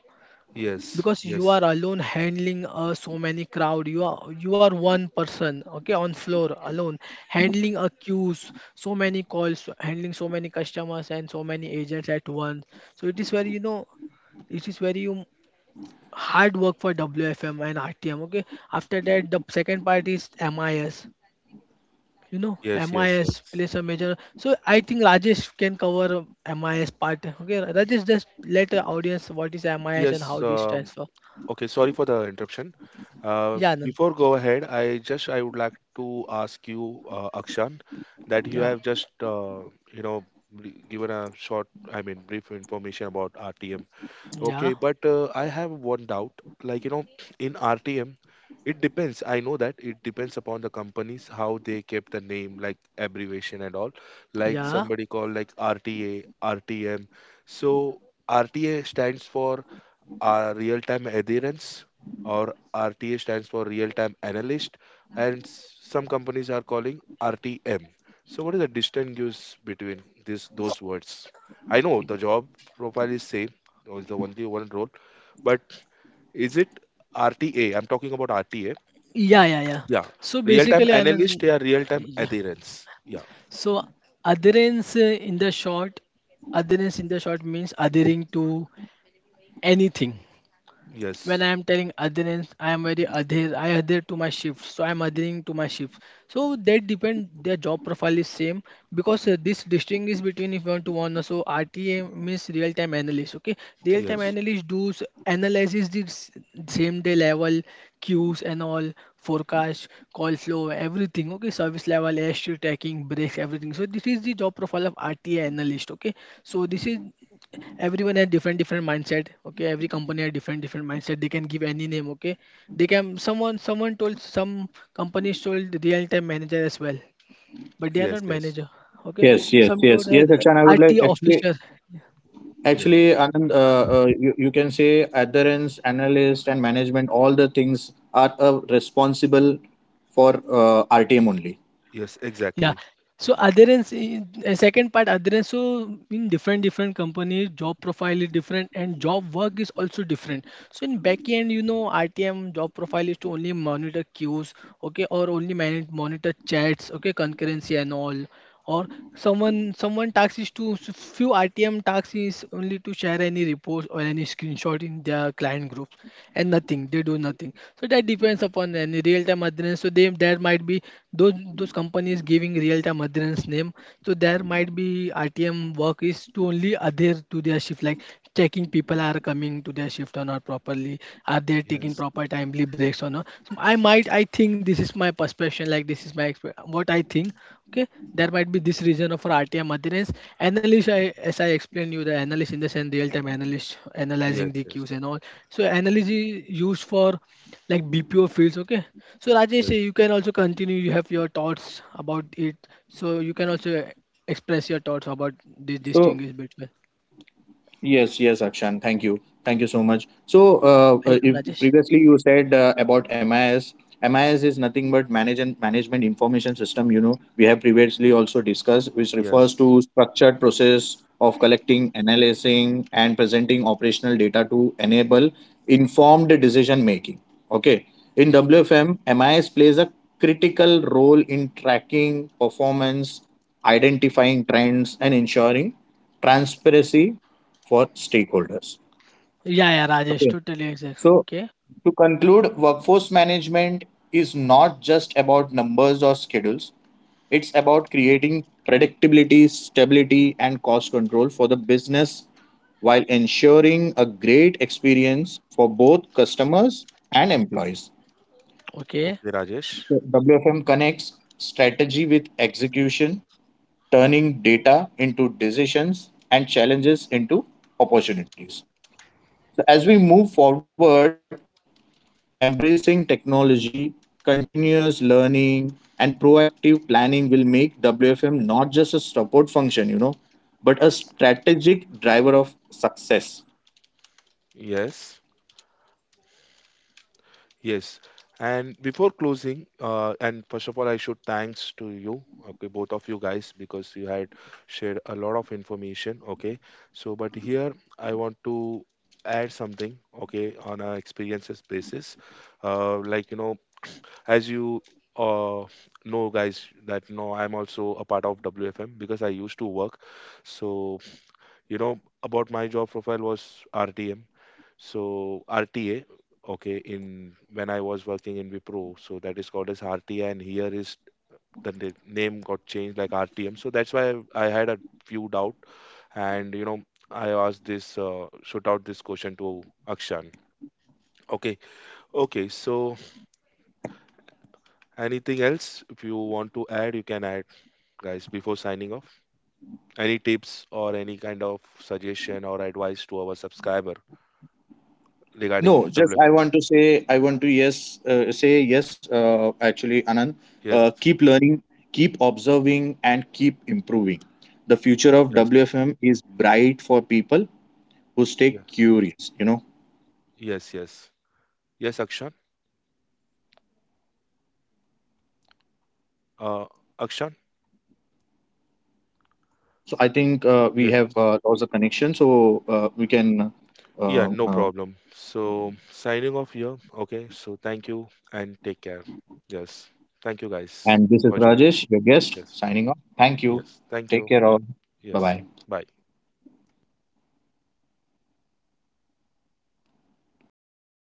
Speaker 1: Yes,
Speaker 3: because you
Speaker 1: yes,
Speaker 3: are alone handling, so many crowd. You are one person, okay, on floor alone handling a queues, so many calls, handling so many customers and so many agents at once. So it is very, you know, it is very hard work for WFM and RTM, okay. After that, the second part is MIS. You know,
Speaker 1: yes, yes,
Speaker 3: MIS
Speaker 1: yes.
Speaker 3: plays a major, so I think Rajesh can cover MIS part. Okay Rajesh, just let the audience what is MIS and
Speaker 1: Yes,
Speaker 3: how this transfer.
Speaker 1: okay, sorry for the interruption.
Speaker 3: Yeah Anand.
Speaker 1: Before go ahead, I would like to ask you, Akshan, that you
Speaker 3: yeah
Speaker 1: have just you know given a short, I mean, brief information about RTM.
Speaker 3: yeah
Speaker 1: Okay, but I have one doubt. Like, you know, in RTM, it depends. I know that it depends upon the companies how they kept the name, like abbreviation and all. Like
Speaker 3: yeah
Speaker 1: somebody called like RTA, RTM. So RTA stands for our real time adherence, or RTA stands for real time analyst, and some companies are calling RTM. So, what is the distinguish between this those words? I know the job profile is same, or is the only one role, but is it RTA? I'm talking about RTA.
Speaker 3: yeah yeah yeah
Speaker 1: Yeah,
Speaker 3: so
Speaker 1: real time
Speaker 3: basically, Anand,
Speaker 1: analyst, yeah, real time
Speaker 3: yeah,
Speaker 1: adherence. Yeah,
Speaker 3: so adherence, in the short, adherence in the short means adhering to anything. When I
Speaker 1: yes,
Speaker 3: am telling adherence, I am very adhere. I adhere to my shift, so I am adhering to my shift. So that depend. Their job profile is same, because this distinction is between if you want to one. So RTA means real time analyst. Okay, real time
Speaker 1: yes,
Speaker 3: analyst does analyzes the same day level queues and all forecast, call flow, everything. Okay, service level, airstream tracking, breaks, everything. So this is the job profile of RTA analyst. Okay, so this is everyone has different mindset, okay, every company has different mindset, they can give any name. Okay, they can someone told, some companies told real time manager as well, but they are
Speaker 1: yes,
Speaker 3: not
Speaker 1: yes,
Speaker 3: manager, okay.
Speaker 2: Yes, yes,
Speaker 3: Some told
Speaker 2: yes,
Speaker 3: as
Speaker 2: yes. Akshan, I would like
Speaker 3: RT
Speaker 2: actually,
Speaker 3: officer.
Speaker 1: yes,
Speaker 2: actually, Anand, you can say adherence, analyst, and management. All the things are responsible for RTM only.
Speaker 1: yes,
Speaker 3: Yeah.
Speaker 1: exactly.
Speaker 3: So adherence, second part adherence. So in different companies, job profile is different and job work is also different. So in backend, you know, RTM job profile is to only monitor queues, okay, or only manage, monitor chats, okay, concurrency and all, or someone task is to few RTM tasks is only to share any reports or any screenshot in their client groups, and nothing, they do nothing. So that depends upon any real time adherence. So they, there might be those companies giving real time adherence name. So there might be RTM work is to only adhere to their shift, like checking people are coming to their shift or not properly, are they taking
Speaker 1: Yes,
Speaker 3: proper timely breaks or not. So I might, I think this is my perception, like this is my what I think. Okay, there might be this reason of for RTM maintenance analyst. As I explained you the analyst, in the sense real time analyst
Speaker 1: yes,
Speaker 3: analyzing the queues
Speaker 1: yes,
Speaker 3: and all. So analyst is used for like BPO fields, okay. So Rajesh,
Speaker 1: yes,
Speaker 3: you can also continue. You have your thoughts about it, so you can also express your thoughts about this
Speaker 2: So.
Speaker 3: distinguish between.
Speaker 2: Yes, yes, Akshan. Thank you. Thank you so much. So,
Speaker 3: Welcome
Speaker 2: if
Speaker 3: Rajesh.
Speaker 2: previously you said about MIS. MIS is nothing but manage and management information system. You know, we have previously also discussed, which
Speaker 1: yes,
Speaker 2: refers to structured process of collecting, analyzing, and presenting operational data to enable informed decision making. Okay. In
Speaker 1: yes.
Speaker 2: WFM, MIS plays a critical role in tracking performance, identifying trends, and ensuring transparency for stakeholders.
Speaker 3: Yeah yeah Rajesh,
Speaker 2: Okay.
Speaker 3: totally exact.
Speaker 2: So,
Speaker 3: Okay,
Speaker 2: to conclude, workforce management is not just about numbers or schedules, it's about creating predictability, stability, and cost control for the business while ensuring a great experience for both customers and employees.
Speaker 3: okay.
Speaker 1: Okay, Rajesh.
Speaker 2: So, WFM connects strategy with execution, turning data into decisions and challenges into opportunities. So, as we move forward, embracing technology, continuous learning, and proactive planning will make WFM not just a support function, you know, but a strategic driver of success.
Speaker 1: Yes, yes. And before closing, and first of all, I should thanks to you, okay, both of you guys, because you had shared a lot of information, okay. So, but here I want to add something, okay, on a experiences basis, like you know, as you uh know guys that no I'm also a part of WFM because I used to work. So you know about my job profile was RTM. So RTA, okay, in when I was working in Wipro, so that is called as RTA, and here is the name got changed like RTM. So that's why I had a few doubt, and you know I asked this, shoot out this question to Akshan. Okay, okay. So anything else if you want to add, you can add, guys, before signing off. Any tips or any kind of suggestion or advice to our subscriber regarding
Speaker 2: No, just I
Speaker 1: WFM?
Speaker 2: want to say, I want to yes, say yes. Actually, Anand,
Speaker 1: Yes,
Speaker 2: keep learning, keep observing, and keep improving. The future of
Speaker 1: yes, yes,
Speaker 2: WFM is bright for people who stay
Speaker 1: yeah,
Speaker 2: curious. You know.
Speaker 1: yes, yes. Yes, Akshan. Uh, Akshan.
Speaker 2: So I think we
Speaker 1: Yes.
Speaker 2: have lost the connection, so we can.
Speaker 1: Yeah,
Speaker 2: Uh,
Speaker 1: no
Speaker 2: uh,
Speaker 1: problem. So signing off here. Okay. So thank you and take care. Yes. Thank you guys
Speaker 2: and this is
Speaker 1: for joining.
Speaker 2: Rajesh, your guest,
Speaker 1: Yes.
Speaker 2: signing off. Thank you.
Speaker 1: Yes. Thank
Speaker 2: Take
Speaker 1: you.
Speaker 2: care all. Bye
Speaker 1: Yes.
Speaker 2: bye.
Speaker 1: Bye.